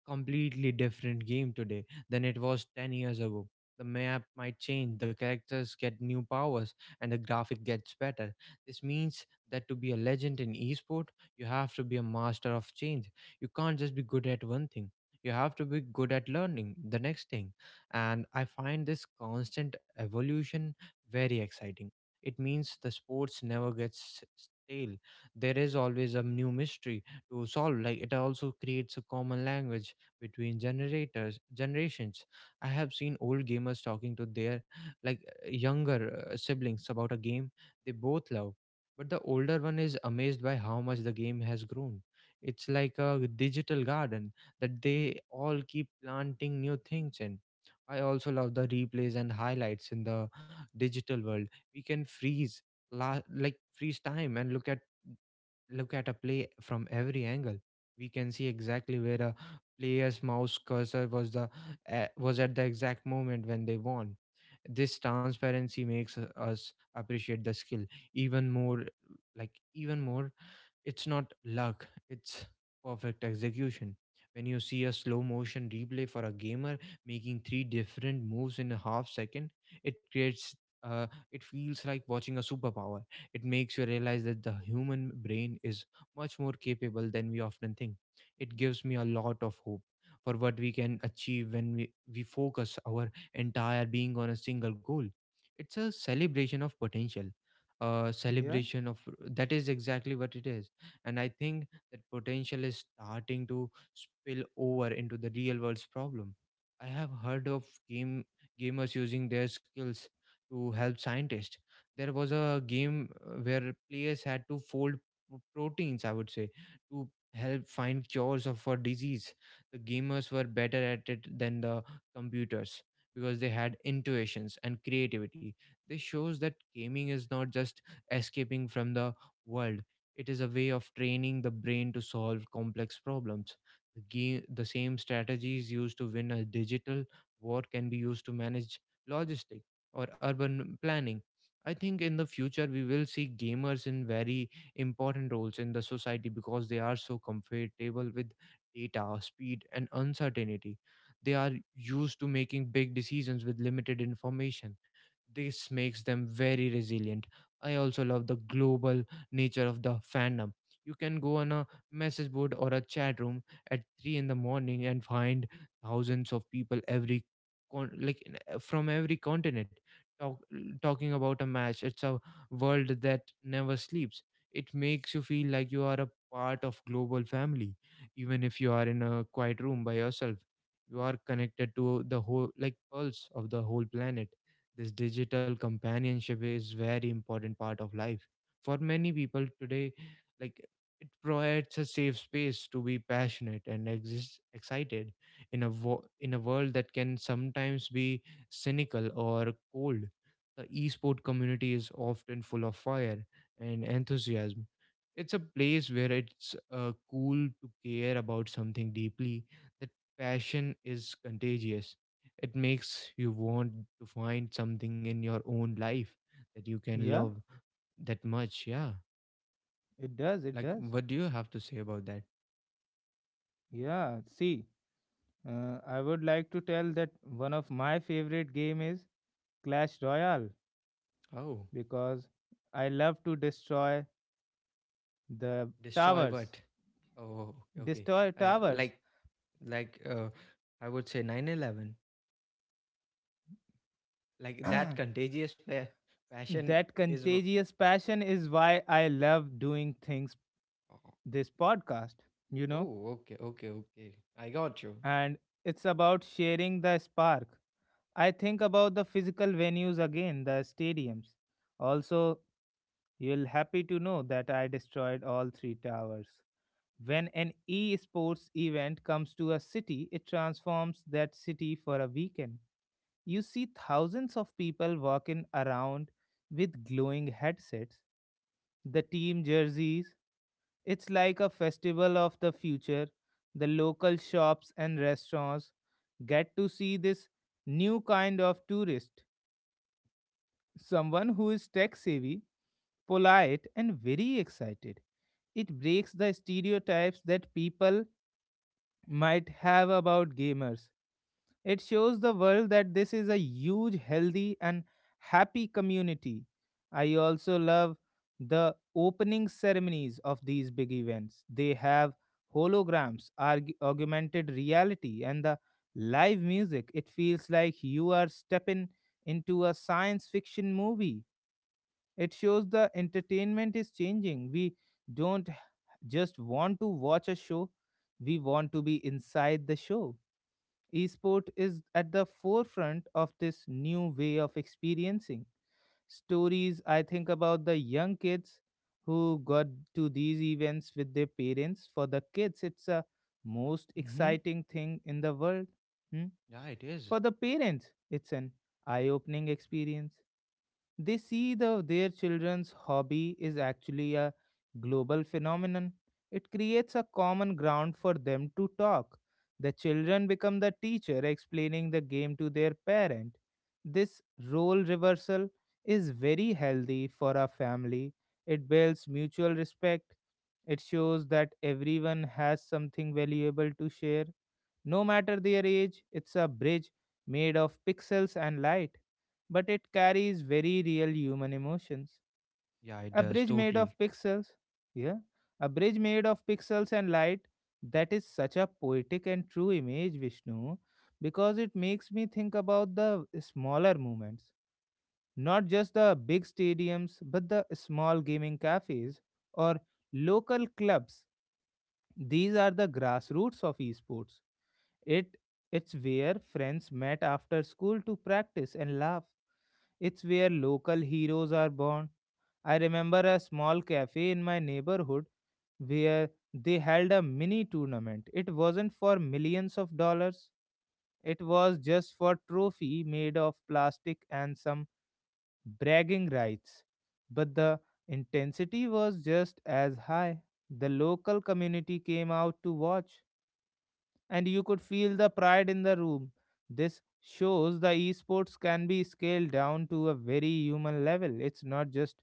Speaker 2: completely different game today than it was 10 years ago. The map might change, the characters get new powers, and the graphic gets better. This means that to be a legend in esport, you have to be a master of change. You can't just be good at one thing. You have to be good at learning the next thing. And I find this constant evolution very exciting. It means the sports never gets stale. There is always a new mystery to solve. Like it also creates a common language between generators generations. I have seen old gamers talking to their like younger siblings about a game they both love, but the older one is amazed by how much the game has grown. It's like a digital garden that they all keep planting new things in. I also love the replays and highlights in the digital world. We can freeze la- like freeze time and look at a play from every angle. We can see exactly where a player's mouse cursor was at the exact moment when they won. This transparency makes us appreciate the skill even more, like even more. It's not luck, it's perfect execution. When you see a slow motion replay for a gamer making three different moves in a half second, it creates uh, it feels like watching a superpower. It makes you realize that the human brain is much more capable than we often think. It gives me a lot of hope for what we can achieve when we focus our entire being on a single goal. It's a celebration of potential, a
Speaker 1: Yeah,
Speaker 2: celebration of That is exactly what it is, and I think that potential is starting to spill over into the real world's problem. I have heard of gamers using their skills to help scientists. There was a game where players had to fold proteins, I would say, to help find cures of for disease. The gamers were better at it than the computers because they had intuitions and creativity. This shows that gaming is not just escaping from the world. It is a way of training the brain to solve complex problems. The same strategies used to win a digital war can be used to manage logistics or urban planning. I think in the future we will see gamers in very important roles in the society because they are so comfortable with data, speed, and uncertainty. They are used to making big decisions with limited information. This makes them very resilient. I also love the global nature of the fandom. You can go on a message board or a chat room at 3 in the morning and find thousands of people every from every continent talk, talking about a match. It's a world that never sleeps. It makes you feel like you are a part of global family. Even if you are in a quiet room by yourself, you are connected to the whole, like, pulse of the whole planet. This digital companionship is very important part of life for many people today. Like, it provides a safe space to be passionate and exist excited in a in a world that can sometimes be cynical or cold. The esport community is often full of fire and enthusiasm. It's a place where it's cool to care about something deeply. That passion is contagious. It makes you want to find something in your own life that you can
Speaker 1: yeah,
Speaker 2: love that much, yeah.
Speaker 1: it does. It
Speaker 2: Like,
Speaker 1: does.
Speaker 2: what do you have to say about that?
Speaker 1: Yeah, see, I would like to tell that one of my favorite game is Clash Royale.
Speaker 2: Oh,
Speaker 1: Because I love to destroy the
Speaker 2: destroy
Speaker 1: towers.
Speaker 2: what? Oh, okay. Okay.
Speaker 1: Destroy towers.
Speaker 2: Like, like, uh, I would say 9/11. Like, that contagious passion
Speaker 1: That
Speaker 2: is.
Speaker 1: contagious passion is why I love doing things this podcast, you know,
Speaker 2: Oh, okay, okay, okay. I got you.
Speaker 1: and it's about sharing the spark. I think about the physical venues again, the stadiums. Also, you'll happy to know that I destroyed all three towers. When an e-sports event comes to a city, it transforms that city for a weekend. You see thousands of people walking around with glowing headsets, the team jerseys. It's like a festival of the future. The local shops and restaurants get to see this new kind of tourist, someone who is tech savvy, polite, and very excited. It breaks the stereotypes that people might have about gamers. It shows the world that this is a huge, healthy, and happy community. I also love the opening ceremonies of these big events. They have holograms, augmented reality, and the live music. It feels like you are stepping into a science fiction movie. It shows the entertainment is changing. We don't just want to watch a show, we want to be inside the show. Esport is at the forefront of this new way of experiencing stories. I think about the young kids who got to these events with their parents. For the kids, it's a most
Speaker 2: Mm-hmm.
Speaker 1: exciting thing in the world. Hmm?
Speaker 2: Yeah, it is.
Speaker 1: For the parents, it's an eye opening experience. They see the their children's hobby is actually a global phenomenon. It creates a common ground for them to talk. The children become the teacher explaining the game to their parent. This role reversal is very healthy for a family. It builds mutual respect. It shows that everyone has something valuable to share no matter their age. It's a bridge made of pixels and light, but it carries very real human emotions.
Speaker 2: Yeah, it
Speaker 1: A
Speaker 2: does
Speaker 1: bridge made of
Speaker 2: totally.
Speaker 1: pixels, yeah, a bridge made of pixels and light. That is such a poetic and true image, Vishnu, because it makes me think about the smaller moments, not just the big stadiums, but the small gaming cafes or local clubs. These are the grassroots of esports. It it's where friends met after school to practice and laugh. It's where local heroes are born. I remember a small cafe in my neighborhood where they held a mini tournament. It wasn't for millions of dollars. It was just for trophy made of plastic and some bragging rights. But the intensity was just as high. The local community came out to watch and you could feel the pride in the room. This shows the esports can be scaled down to a very human level. It's not just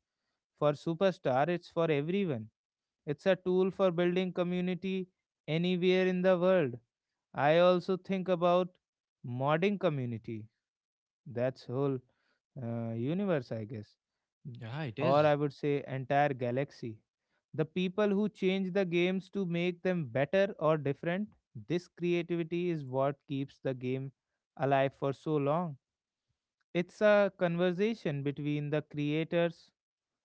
Speaker 1: for superstar, it's for everyone. It's a tool for building community anywhere in the world. I also think about modding community. That's whole universe, I guess,
Speaker 2: Yeah, it
Speaker 1: or
Speaker 2: is.
Speaker 1: I would say entire galaxy. The people who change the games to make them better or different, this creativity is what keeps the game alive for so long. It's a conversation between the creators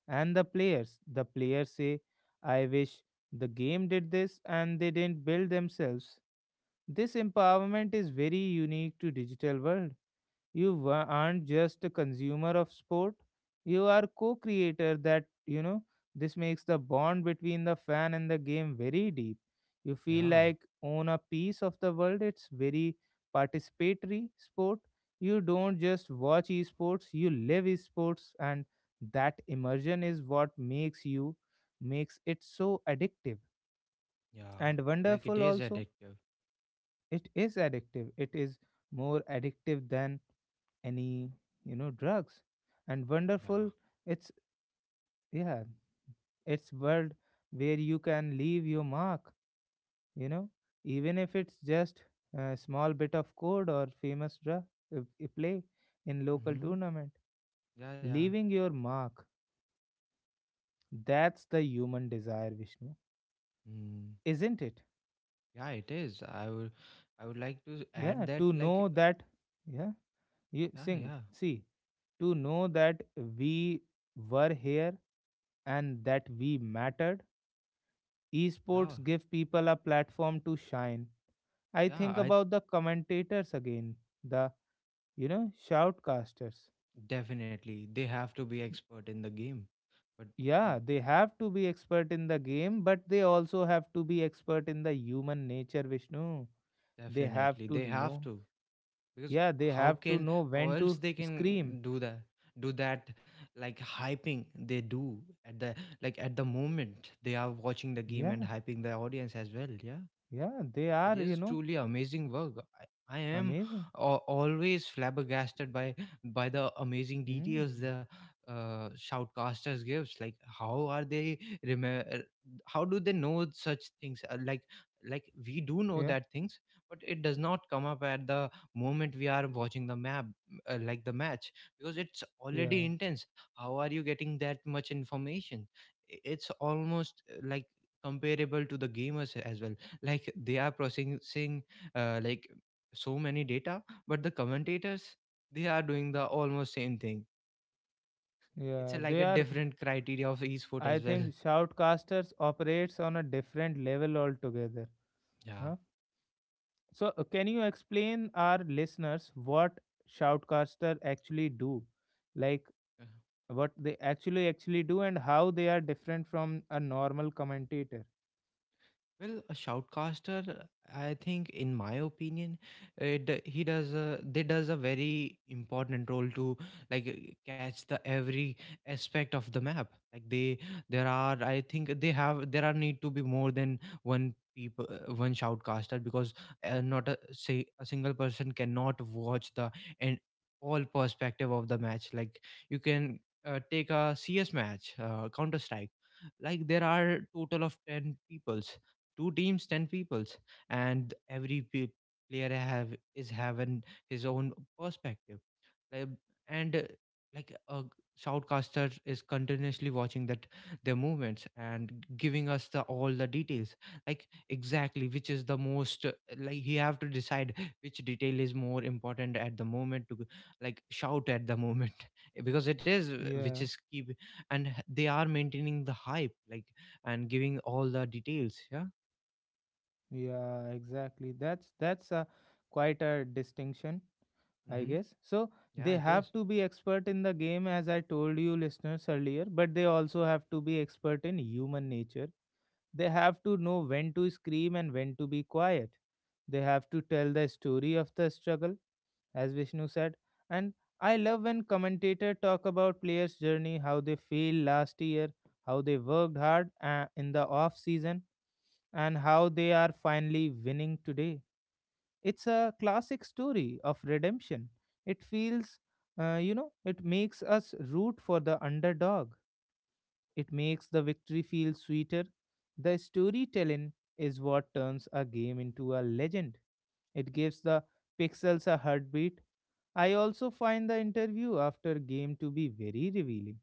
Speaker 1: and the players. The players say, I wish the game did this, and they didn't build themselves. This empowerment is very unique to digital world. Aren't just a consumer of sport, you are co-creator. That You know, this makes the bond between the fan and the game very deep. You feel
Speaker 2: Yeah,
Speaker 1: like own a piece of the world. It's very participatory sport. You don't just watch esports, you live esports. And that immersion is what makes it so addictive
Speaker 2: yeah.
Speaker 1: and
Speaker 2: Like, it
Speaker 1: wonderful
Speaker 2: is
Speaker 1: also.
Speaker 2: addictive.
Speaker 1: It is addictive. It is more addictive than any, drugs, and
Speaker 2: Yeah.
Speaker 1: wonderful. It's yeah it's world where you can leave your mark, you know, even if it's just a small bit of code or famous drug play in local
Speaker 2: Mm-hmm.
Speaker 1: tournament.
Speaker 2: Yeah, yeah.
Speaker 1: Leaving your mark, that's the human desire, Vishnu,
Speaker 2: Mm.
Speaker 1: isn't it?
Speaker 2: Yeah, it is. I would like to add
Speaker 1: Yeah,
Speaker 2: that,
Speaker 1: to
Speaker 2: like,
Speaker 1: know that, yeah you
Speaker 2: yeah,
Speaker 1: sing
Speaker 2: yeah,
Speaker 1: see to know that we were here and that we mattered.
Speaker 2: yeah,
Speaker 1: Esports give people a platform to shine. I
Speaker 2: yeah.
Speaker 1: think
Speaker 2: I
Speaker 1: about the commentators again, the shoutcasters.
Speaker 2: definitely they have to be expert in the game, but n-
Speaker 1: Yeah, they have to be expert in the game, but they also have to be expert in the human nature, Vishnu. They have
Speaker 2: definitely
Speaker 1: to
Speaker 2: they have
Speaker 1: know.
Speaker 2: to because
Speaker 1: Yeah, they
Speaker 2: how
Speaker 1: have to
Speaker 2: can
Speaker 1: know
Speaker 2: how
Speaker 1: when
Speaker 2: else
Speaker 1: to
Speaker 2: they
Speaker 1: scream.
Speaker 2: can do that? Do that, like, hyping they do at the like at the moment they are watching the game and
Speaker 1: Yeah,
Speaker 2: hyping the audience as well. Yeah,
Speaker 1: yeah, they
Speaker 2: like, it
Speaker 1: are,
Speaker 2: is truly amazing work. I am
Speaker 1: amazing.
Speaker 2: always flabbergasted by the amazing details
Speaker 1: Mm.
Speaker 2: the shoutcasters gives. Like, how are they remember? How do they know such things? Like we do know
Speaker 1: Yeah,
Speaker 2: that things, but it does not come up at the moment we are watching the map, like the match, because it's already
Speaker 1: yeah,
Speaker 2: intense. How are you getting that much information? It's almost like comparable to the gamers as well. Like, they are processing like so many data, but the commentators, they are doing the almost same thing. It's a,
Speaker 1: yeah.
Speaker 2: like, a
Speaker 1: They are
Speaker 2: different criteria of esport
Speaker 1: I
Speaker 2: as well,
Speaker 1: think shoutcasters operates on a different level altogether.
Speaker 2: yeah.
Speaker 1: Huh. So, can you explain our listeners what shoutcaster actually do? Like what they actually do and how they are different from a normal commentator.
Speaker 2: Well, a shoutcaster, I think, in my opinion, he does they does a very important role to like catch the every aspect of the map. Like they, there are, I think they have there are need to be more than one people, one shoutcaster, because not a say a single person cannot watch the and all perspective of the match. Like, you can take a CS match, Counter Strike. Like, there are total of 10 people, two teams, ten peoples, and every player have is having his own perspective. Like, and like a shoutcaster is continuously watching that their movements and giving us the all the details, like, exactly which is the most like he have to decide which detail is more important at the moment to, like, shout at the moment *laughs* because it is which
Speaker 1: Yeah,
Speaker 2: is keep, and they are maintaining the hype, like, and giving all the details, yeah.
Speaker 1: yeah, exactly. That's a quite a distinction, I
Speaker 2: Mm-hmm.
Speaker 1: guess. So,
Speaker 2: Yeah,
Speaker 1: they
Speaker 2: it
Speaker 1: have
Speaker 2: is.
Speaker 1: to be expert in the game as I told you listeners earlier, but they also have to be expert in human nature. They have to know when to scream and when to be quiet. They have to tell the story of the struggle, as Vishnu said. And I love when commentators talk about players' journey, how they failed last year, how they worked hard in the off season, and how they are finally winning today. It's a classic story of redemption. It feels, you know, it makes us root for the underdog. It makes the victory feel sweeter. The storytelling is what turns a game into a legend. It gives the pixels a heartbeat. I also find the interview after game to be very revealing.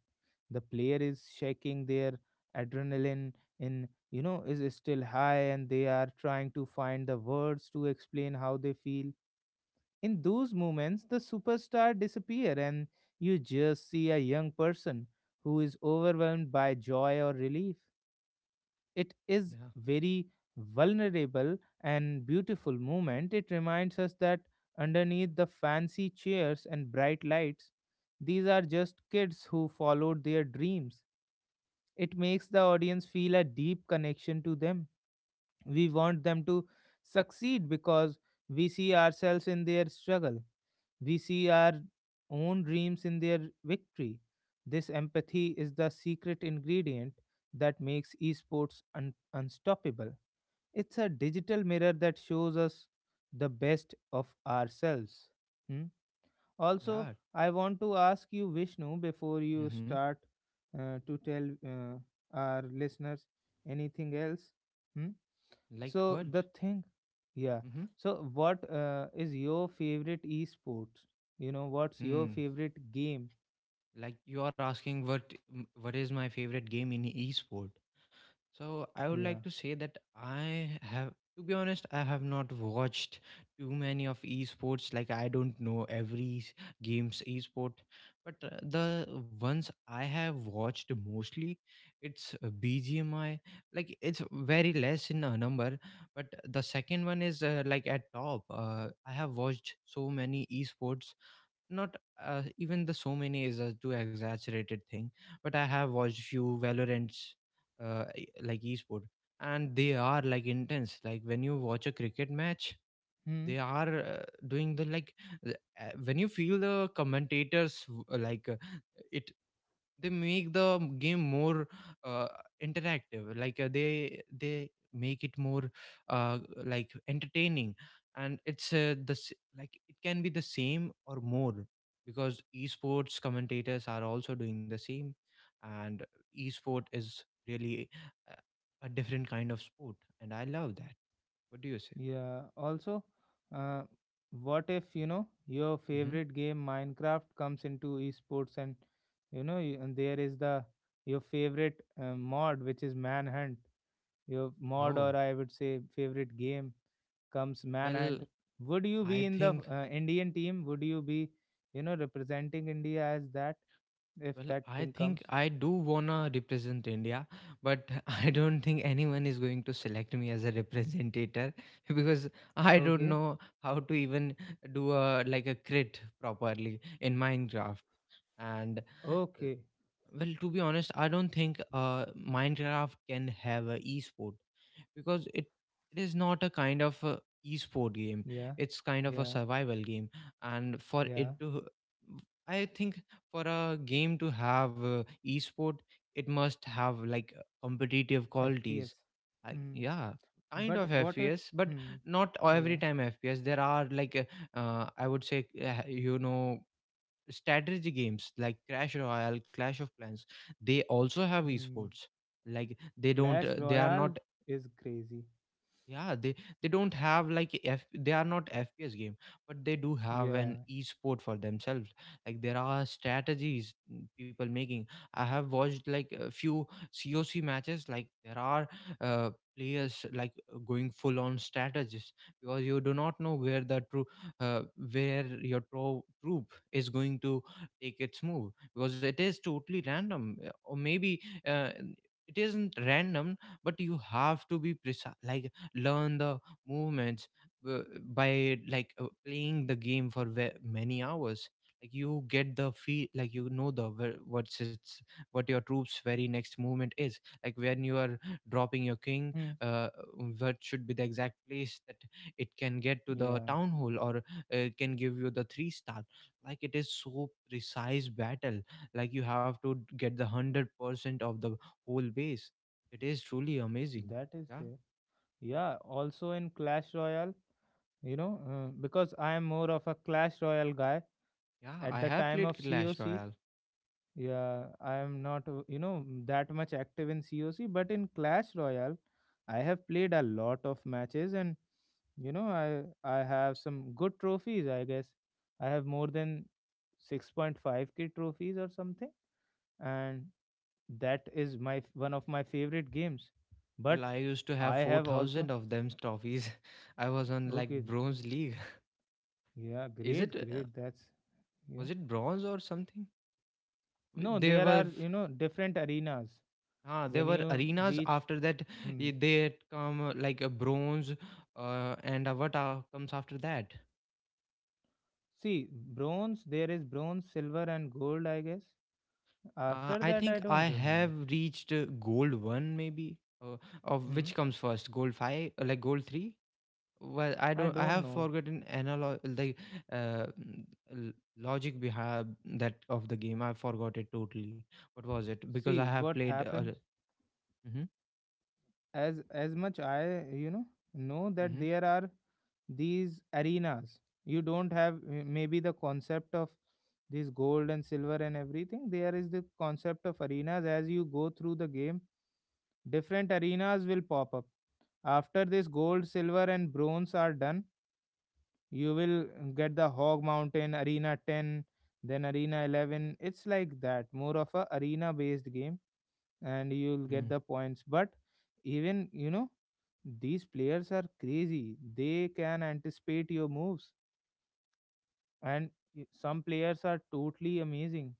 Speaker 1: The player is shaking, their adrenaline, in is still high, and they are trying to find the words to explain how they feel. In those moments, the superstar disappear and you just see a young person who is overwhelmed by joy or relief. It is
Speaker 2: Yeah.
Speaker 1: very vulnerable and beautiful moment. It reminds us that underneath the fancy chairs and bright lights, these are just kids who followed their dreams. It makes the audience feel a deep connection to them. We want them to succeed because we see ourselves in their struggle. We see our own dreams in their victory. This empathy is the secret ingredient that makes esports unstoppable. It's a digital mirror that shows us the best of ourselves. Hmm? Also,
Speaker 2: Yeah.
Speaker 1: I want to ask you, Vishnu, before you
Speaker 2: Mm-hmm.
Speaker 1: start to tell our listeners anything else. Hmm?
Speaker 2: Like
Speaker 1: So
Speaker 2: what?
Speaker 1: the thing, yeah.
Speaker 2: Mm-hmm.
Speaker 1: So what is your favorite esports? You know, what's your
Speaker 2: Hmm.
Speaker 1: favorite game?
Speaker 2: Like, you are asking what what is my favorite game in e-sport? So I would
Speaker 1: Yeah.
Speaker 2: like to say that I have to be honest, I have not watched too many of esports. Like, I don't know every game's esport, but the ones I have watched mostly, it's BGMI. Like, it's very less in a number, but the second one is like at top. I have watched so many esports, not even the so many is a too exaggerated thing, but I have watched few valorants like esport, and they are like intense, like when you watch a cricket match,
Speaker 1: Hmm.
Speaker 2: they are doing the like when you feel the commentators it they make the game more uh, interactive, like, they they make it more like entertaining, and it's like, it can be the same or more because esports commentators are also doing the same, and esport is really uh, a different kind of sport, and I love that. What do you say?
Speaker 1: Yeah. Also, uh, what if you know your
Speaker 2: hmm
Speaker 1: favorite game Minecraft comes into esports, and and there is the your favorite mod which is Manhunt. Your mod,
Speaker 2: oh
Speaker 1: or I would say favorite game, comes
Speaker 2: well
Speaker 1: Manhunt. Would you
Speaker 2: i
Speaker 1: be in the
Speaker 2: think
Speaker 1: Indian team? Would you be, you know, representing India as that, if
Speaker 2: well,
Speaker 1: that
Speaker 2: I
Speaker 1: thing
Speaker 2: think
Speaker 1: comes?
Speaker 2: I do wanna represent India, but *laughs* I don't think anyone is going to select me as a representative *laughs* because I don't
Speaker 1: Okay.
Speaker 2: know how to even do a like a crit properly in Minecraft. And uh,
Speaker 1: Okay.
Speaker 2: well, to be honest, I don't think Minecraft can have a esport because it is not a kind of a e-sport game.
Speaker 1: Yeah.
Speaker 2: It's kind of a
Speaker 1: Yeah.
Speaker 2: survival game, and for
Speaker 1: Yeah.
Speaker 2: it to, I think, for a game to have e-sport, it must have like competitive qualities.
Speaker 1: FPS. Hmm.
Speaker 2: Yeah, kind
Speaker 1: But
Speaker 2: of
Speaker 1: what if?
Speaker 2: fps, but
Speaker 1: Hmm.
Speaker 2: not every
Speaker 1: Yeah.
Speaker 2: time fps. There are like I would say, you know, strategy games like crash royale clash of clans. They also have
Speaker 1: Hmm.
Speaker 2: esports. Like,
Speaker 1: Clash
Speaker 2: they are
Speaker 1: Royale
Speaker 2: not,
Speaker 1: is crazy.
Speaker 2: yeah, they don't have like F, they are not FPS game, but they do have
Speaker 1: Yeah.
Speaker 2: an e-sport for themselves. Like, there are strategies, mm, people making. I have watched like a few COC matches. Like, there are uh, players like going full on strategies because you do not know where the true uh, where your troop is going to take its move because it is totally random, or maybe uh, it isn't random, but you have to be precise, like, learn the movements uh, by, like, playing the game for many hours. Like, you get the feel, like, you know the what's its what your troops very next movement is, like when you are dropping your king,
Speaker 1: Hmm.
Speaker 2: uh, what should be the exact place that it can get to the
Speaker 1: Yeah.
Speaker 2: town hall, or it can give you the three star. Like, it is so precise battle. Like, you have to get the 100% of the whole base. It is truly amazing.
Speaker 1: That is
Speaker 2: Yeah.
Speaker 1: there. Yeah. Also in Clash Royale, because I am more of a Clash Royale guy
Speaker 2: Yeah,
Speaker 1: at
Speaker 2: I
Speaker 1: the
Speaker 2: have
Speaker 1: time
Speaker 2: played
Speaker 1: of
Speaker 2: Clash
Speaker 1: COC.
Speaker 2: Royale.
Speaker 1: Yeah, I am not, you know, that much active in COC, but in Clash Royale, I have played a lot of matches and, you know, I have some good trophies, I guess. I have more than 6.5K trophies or something, and that is my one of my favorite games.
Speaker 2: Well,
Speaker 1: But
Speaker 2: I used to have
Speaker 1: I have
Speaker 2: 4,000
Speaker 1: also.
Speaker 2: of them trophies. *laughs* I was on like
Speaker 1: Okay,
Speaker 2: bronze league.
Speaker 1: yeah,
Speaker 2: *laughs* Is
Speaker 1: great,
Speaker 2: it
Speaker 1: great. That's. Yeah.
Speaker 2: was it bronze or something? W-
Speaker 1: No,
Speaker 2: There
Speaker 1: there
Speaker 2: were
Speaker 1: are,
Speaker 2: f-
Speaker 1: different arenas
Speaker 2: ah, there
Speaker 1: when
Speaker 2: were
Speaker 1: you
Speaker 2: arenas
Speaker 1: reach.
Speaker 2: after that.
Speaker 1: Hmm.
Speaker 2: Eh, they had come like a bronze, and what comes after that?
Speaker 1: See, bronze, there is bronze, silver, and gold, I guess. After
Speaker 2: I
Speaker 1: that,
Speaker 2: think
Speaker 1: I
Speaker 2: I
Speaker 1: don't
Speaker 2: have
Speaker 1: remember.
Speaker 2: reached gold 1 maybe, uh, of which
Speaker 1: Hmm.
Speaker 2: comes first, gold 5, like gold 3. Well, I
Speaker 1: I
Speaker 2: don't I
Speaker 1: don't
Speaker 2: have
Speaker 1: know.
Speaker 2: forgotten analog, like, uh, mm, l- logic behind that of the game. I forgot it totally. What was it, because I
Speaker 1: See
Speaker 2: have
Speaker 1: what
Speaker 2: played,
Speaker 1: happens.
Speaker 2: mm-hmm,
Speaker 1: As much I, know that
Speaker 2: mm-hmm,
Speaker 1: there are these arenas. You don't have maybe the concept of this gold and silver and everything. There is the concept of arenas. As you go through the game, different arenas will pop up. After this gold, silver, and bronze are done, you will get the hog mountain arena 10, then arena 11. It's like that, more of a arena based game, and you'll get
Speaker 2: mm.
Speaker 1: the points. But even you know, these players are crazy, they can anticipate your moves. And some players are totally amazing.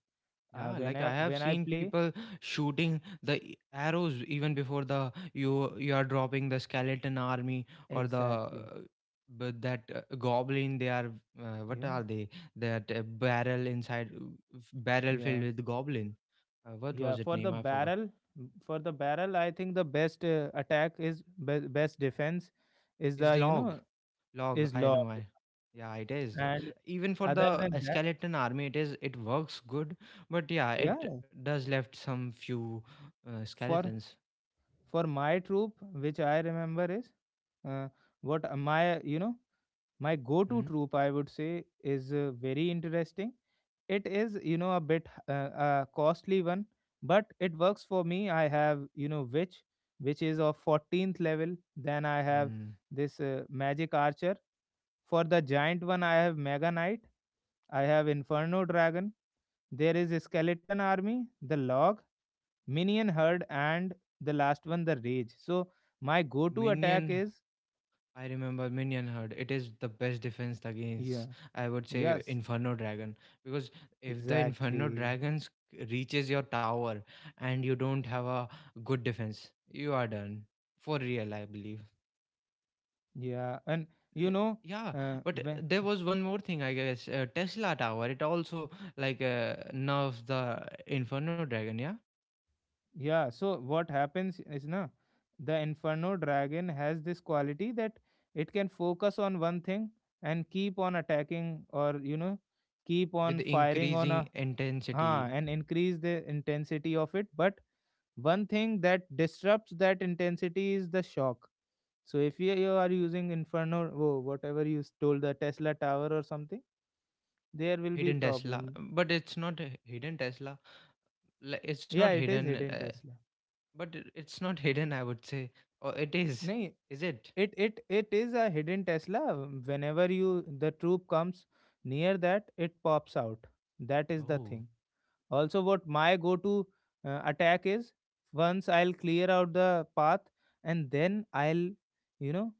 Speaker 2: Yeah,
Speaker 1: When
Speaker 2: like, I
Speaker 1: i
Speaker 2: have
Speaker 1: when i
Speaker 2: seen
Speaker 1: play.
Speaker 2: people shooting the arrows even before the you are dropping the skeleton army, or the
Speaker 1: Exactly.
Speaker 2: but that goblin. They are what
Speaker 1: Yeah.
Speaker 2: are they, that barrel filled
Speaker 1: Yeah.
Speaker 2: with goblin. What was
Speaker 1: Yeah.
Speaker 2: it
Speaker 1: For
Speaker 2: name,
Speaker 1: the
Speaker 2: I forgot?
Speaker 1: barrel, I think the best attack is, best defense is
Speaker 2: Is
Speaker 1: the you
Speaker 2: log.
Speaker 1: know
Speaker 2: Log,
Speaker 1: is
Speaker 2: I
Speaker 1: law.
Speaker 2: know. I Yeah, it is.
Speaker 1: And
Speaker 2: Even for
Speaker 1: other
Speaker 2: the
Speaker 1: than that,
Speaker 2: skeleton army, it is it works good, but yeah, it
Speaker 1: yeah.
Speaker 2: does left some few
Speaker 1: for
Speaker 2: skeletons.
Speaker 1: for my troop, which I remember is, uh, what my you know my go to
Speaker 2: Hmm?
Speaker 1: troop, I would say, is very interesting. It is, you know, a bit costly one, but it works for me. I have, you know, which is of 14th level. Then I have
Speaker 2: Hmm.
Speaker 1: this magic archer. For the giant one I have mega knight. I have inferno dragon. There is a skeleton army, the log, Minion Herd, and the last one, The Rage. So my go-to attack
Speaker 2: minion
Speaker 1: is.
Speaker 2: I remember minion herd. It is the best defense
Speaker 1: Yeah,
Speaker 2: against, I would say,
Speaker 1: yes,
Speaker 2: inferno dragon, because if the inferno
Speaker 1: exactly,
Speaker 2: dragons reaches your tower and you don't have a good defense, you are done for real, I believe.
Speaker 1: yeah. And
Speaker 2: L-
Speaker 1: you know,
Speaker 2: yeah, but
Speaker 1: when.
Speaker 2: there was one more thing, I guess, tesla tower. It also, like, nerfs the inferno dragon, yeah,
Speaker 1: Yeah. So what happens is na, the Inferno Dragon has this quality that it can focus on one thing and keep on attacking, or, you know, keep
Speaker 2: with
Speaker 1: on firing on
Speaker 2: increasing
Speaker 1: a, ha,
Speaker 2: intensity.
Speaker 1: and increase the intensity of it. But one thing that disrupts that intensity is the shock. So if you are using Inferno, oh, whatever, you stole the Tesla tower or something, there will be
Speaker 2: Hidden tesla.
Speaker 1: problem.
Speaker 2: But it's not a hidden tesla. Like, it's not
Speaker 1: Yeah, it is
Speaker 2: hidden.
Speaker 1: hidden
Speaker 2: uh,
Speaker 1: Tesla.
Speaker 2: but it's not *laughs* hidden, I would say. Or it is.
Speaker 1: No,
Speaker 2: Is it?
Speaker 1: it is a hidden Tesla. Whenever you the troop comes near that, it pops out. That is the
Speaker 2: Oh.
Speaker 1: thing. Also, what my go-to attack is, once I'll clear out the path and then I'll, you know,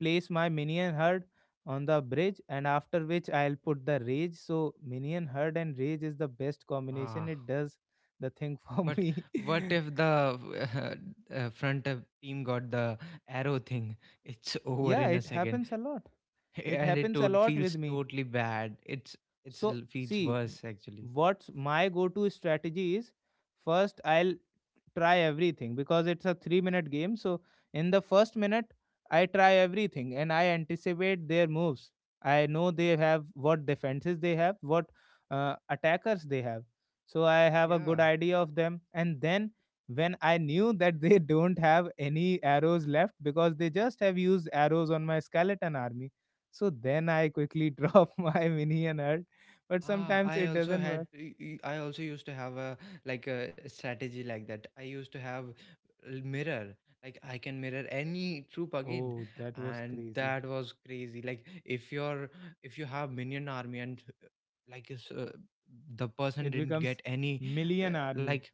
Speaker 1: place my minion herd on the bridge, and after which I'll put the rage. So minion herd and rage is the best combination.
Speaker 2: Ah,
Speaker 1: It does the thing for *laughs*
Speaker 2: but
Speaker 1: me.
Speaker 2: what if the *laughs* front team got the arrow thing? It's over
Speaker 1: Yeah,
Speaker 2: in a
Speaker 1: it
Speaker 2: second,
Speaker 1: happens a lot. It
Speaker 2: and it
Speaker 1: happens a lot
Speaker 2: feels
Speaker 1: with me.
Speaker 2: totally bad. It's
Speaker 1: So
Speaker 2: l- feels
Speaker 1: see,
Speaker 2: worse actually.
Speaker 1: what's my go-to strategy is, first I'll try everything because it's a 3-minute game. So in the first minute I try everything and I anticipate their moves. I know they have what defenses they have, what attackers they have. So I have a
Speaker 2: Yeah.
Speaker 1: good idea of them. And then when I knew that they *laughs* don't have any arrows left, because they just have used arrows on my skeleton army, so then I quickly *laughs* drop my minion herd. But
Speaker 2: Ah,
Speaker 1: sometimes
Speaker 2: I
Speaker 1: it
Speaker 2: also
Speaker 1: doesn't
Speaker 2: had.
Speaker 1: work.
Speaker 2: I also used to have a like a strategy like that. I used to have mirror. Like, I can mirror any troop again,
Speaker 1: Oh, that was
Speaker 2: and
Speaker 1: crazy.
Speaker 2: that was crazy. Like, if you're if you have minion army and, like is, uh, the person
Speaker 1: It
Speaker 2: didn't
Speaker 1: becomes
Speaker 2: get any uh,
Speaker 1: Million Army.
Speaker 2: like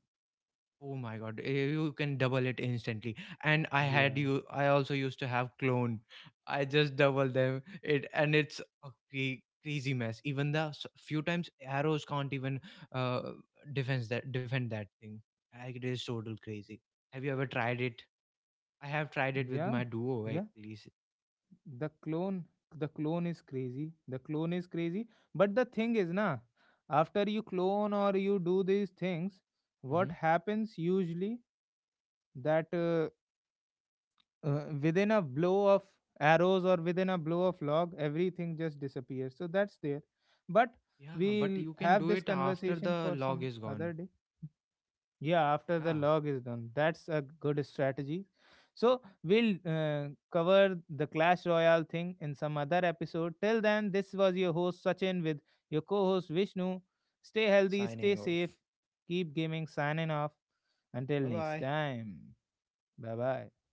Speaker 2: oh my god, eh, you can double it instantly. And I had
Speaker 1: Yeah.
Speaker 2: you I also used to have clone. I just double them it and it's a crazy mess. Even the few times arrows can't even uh defense that defend that thing. Like, it is total crazy. Have you ever tried it? I have tried it with
Speaker 1: Yeah.
Speaker 2: my duo at
Speaker 1: Yeah.
Speaker 2: least.
Speaker 1: The clone the clone is crazy. The clone is crazy. But the thing is na, after you clone or you do these things, what
Speaker 2: Hmm.
Speaker 1: happens usually, that within a blow of arrows or within a blow of log, everything just disappears. So that's there. But
Speaker 2: Yeah, but
Speaker 1: we'll
Speaker 2: you can
Speaker 1: have
Speaker 2: do
Speaker 1: this
Speaker 2: it after
Speaker 1: conversation
Speaker 2: the
Speaker 1: for
Speaker 2: log
Speaker 1: some
Speaker 2: is
Speaker 1: other
Speaker 2: gone.
Speaker 1: day. Yeah, after the
Speaker 2: Yeah,
Speaker 1: log is done. That's a good strategy. So, we'll cover the Clash Royale thing in some other episode. Till then, this was your host Sachin with your co host Vishnu. Stay healthy, stay
Speaker 2: signing
Speaker 1: safe,
Speaker 2: off.
Speaker 1: keep gaming, signing off. Until
Speaker 2: Bye
Speaker 1: next
Speaker 2: bye.
Speaker 1: time. Bye bye.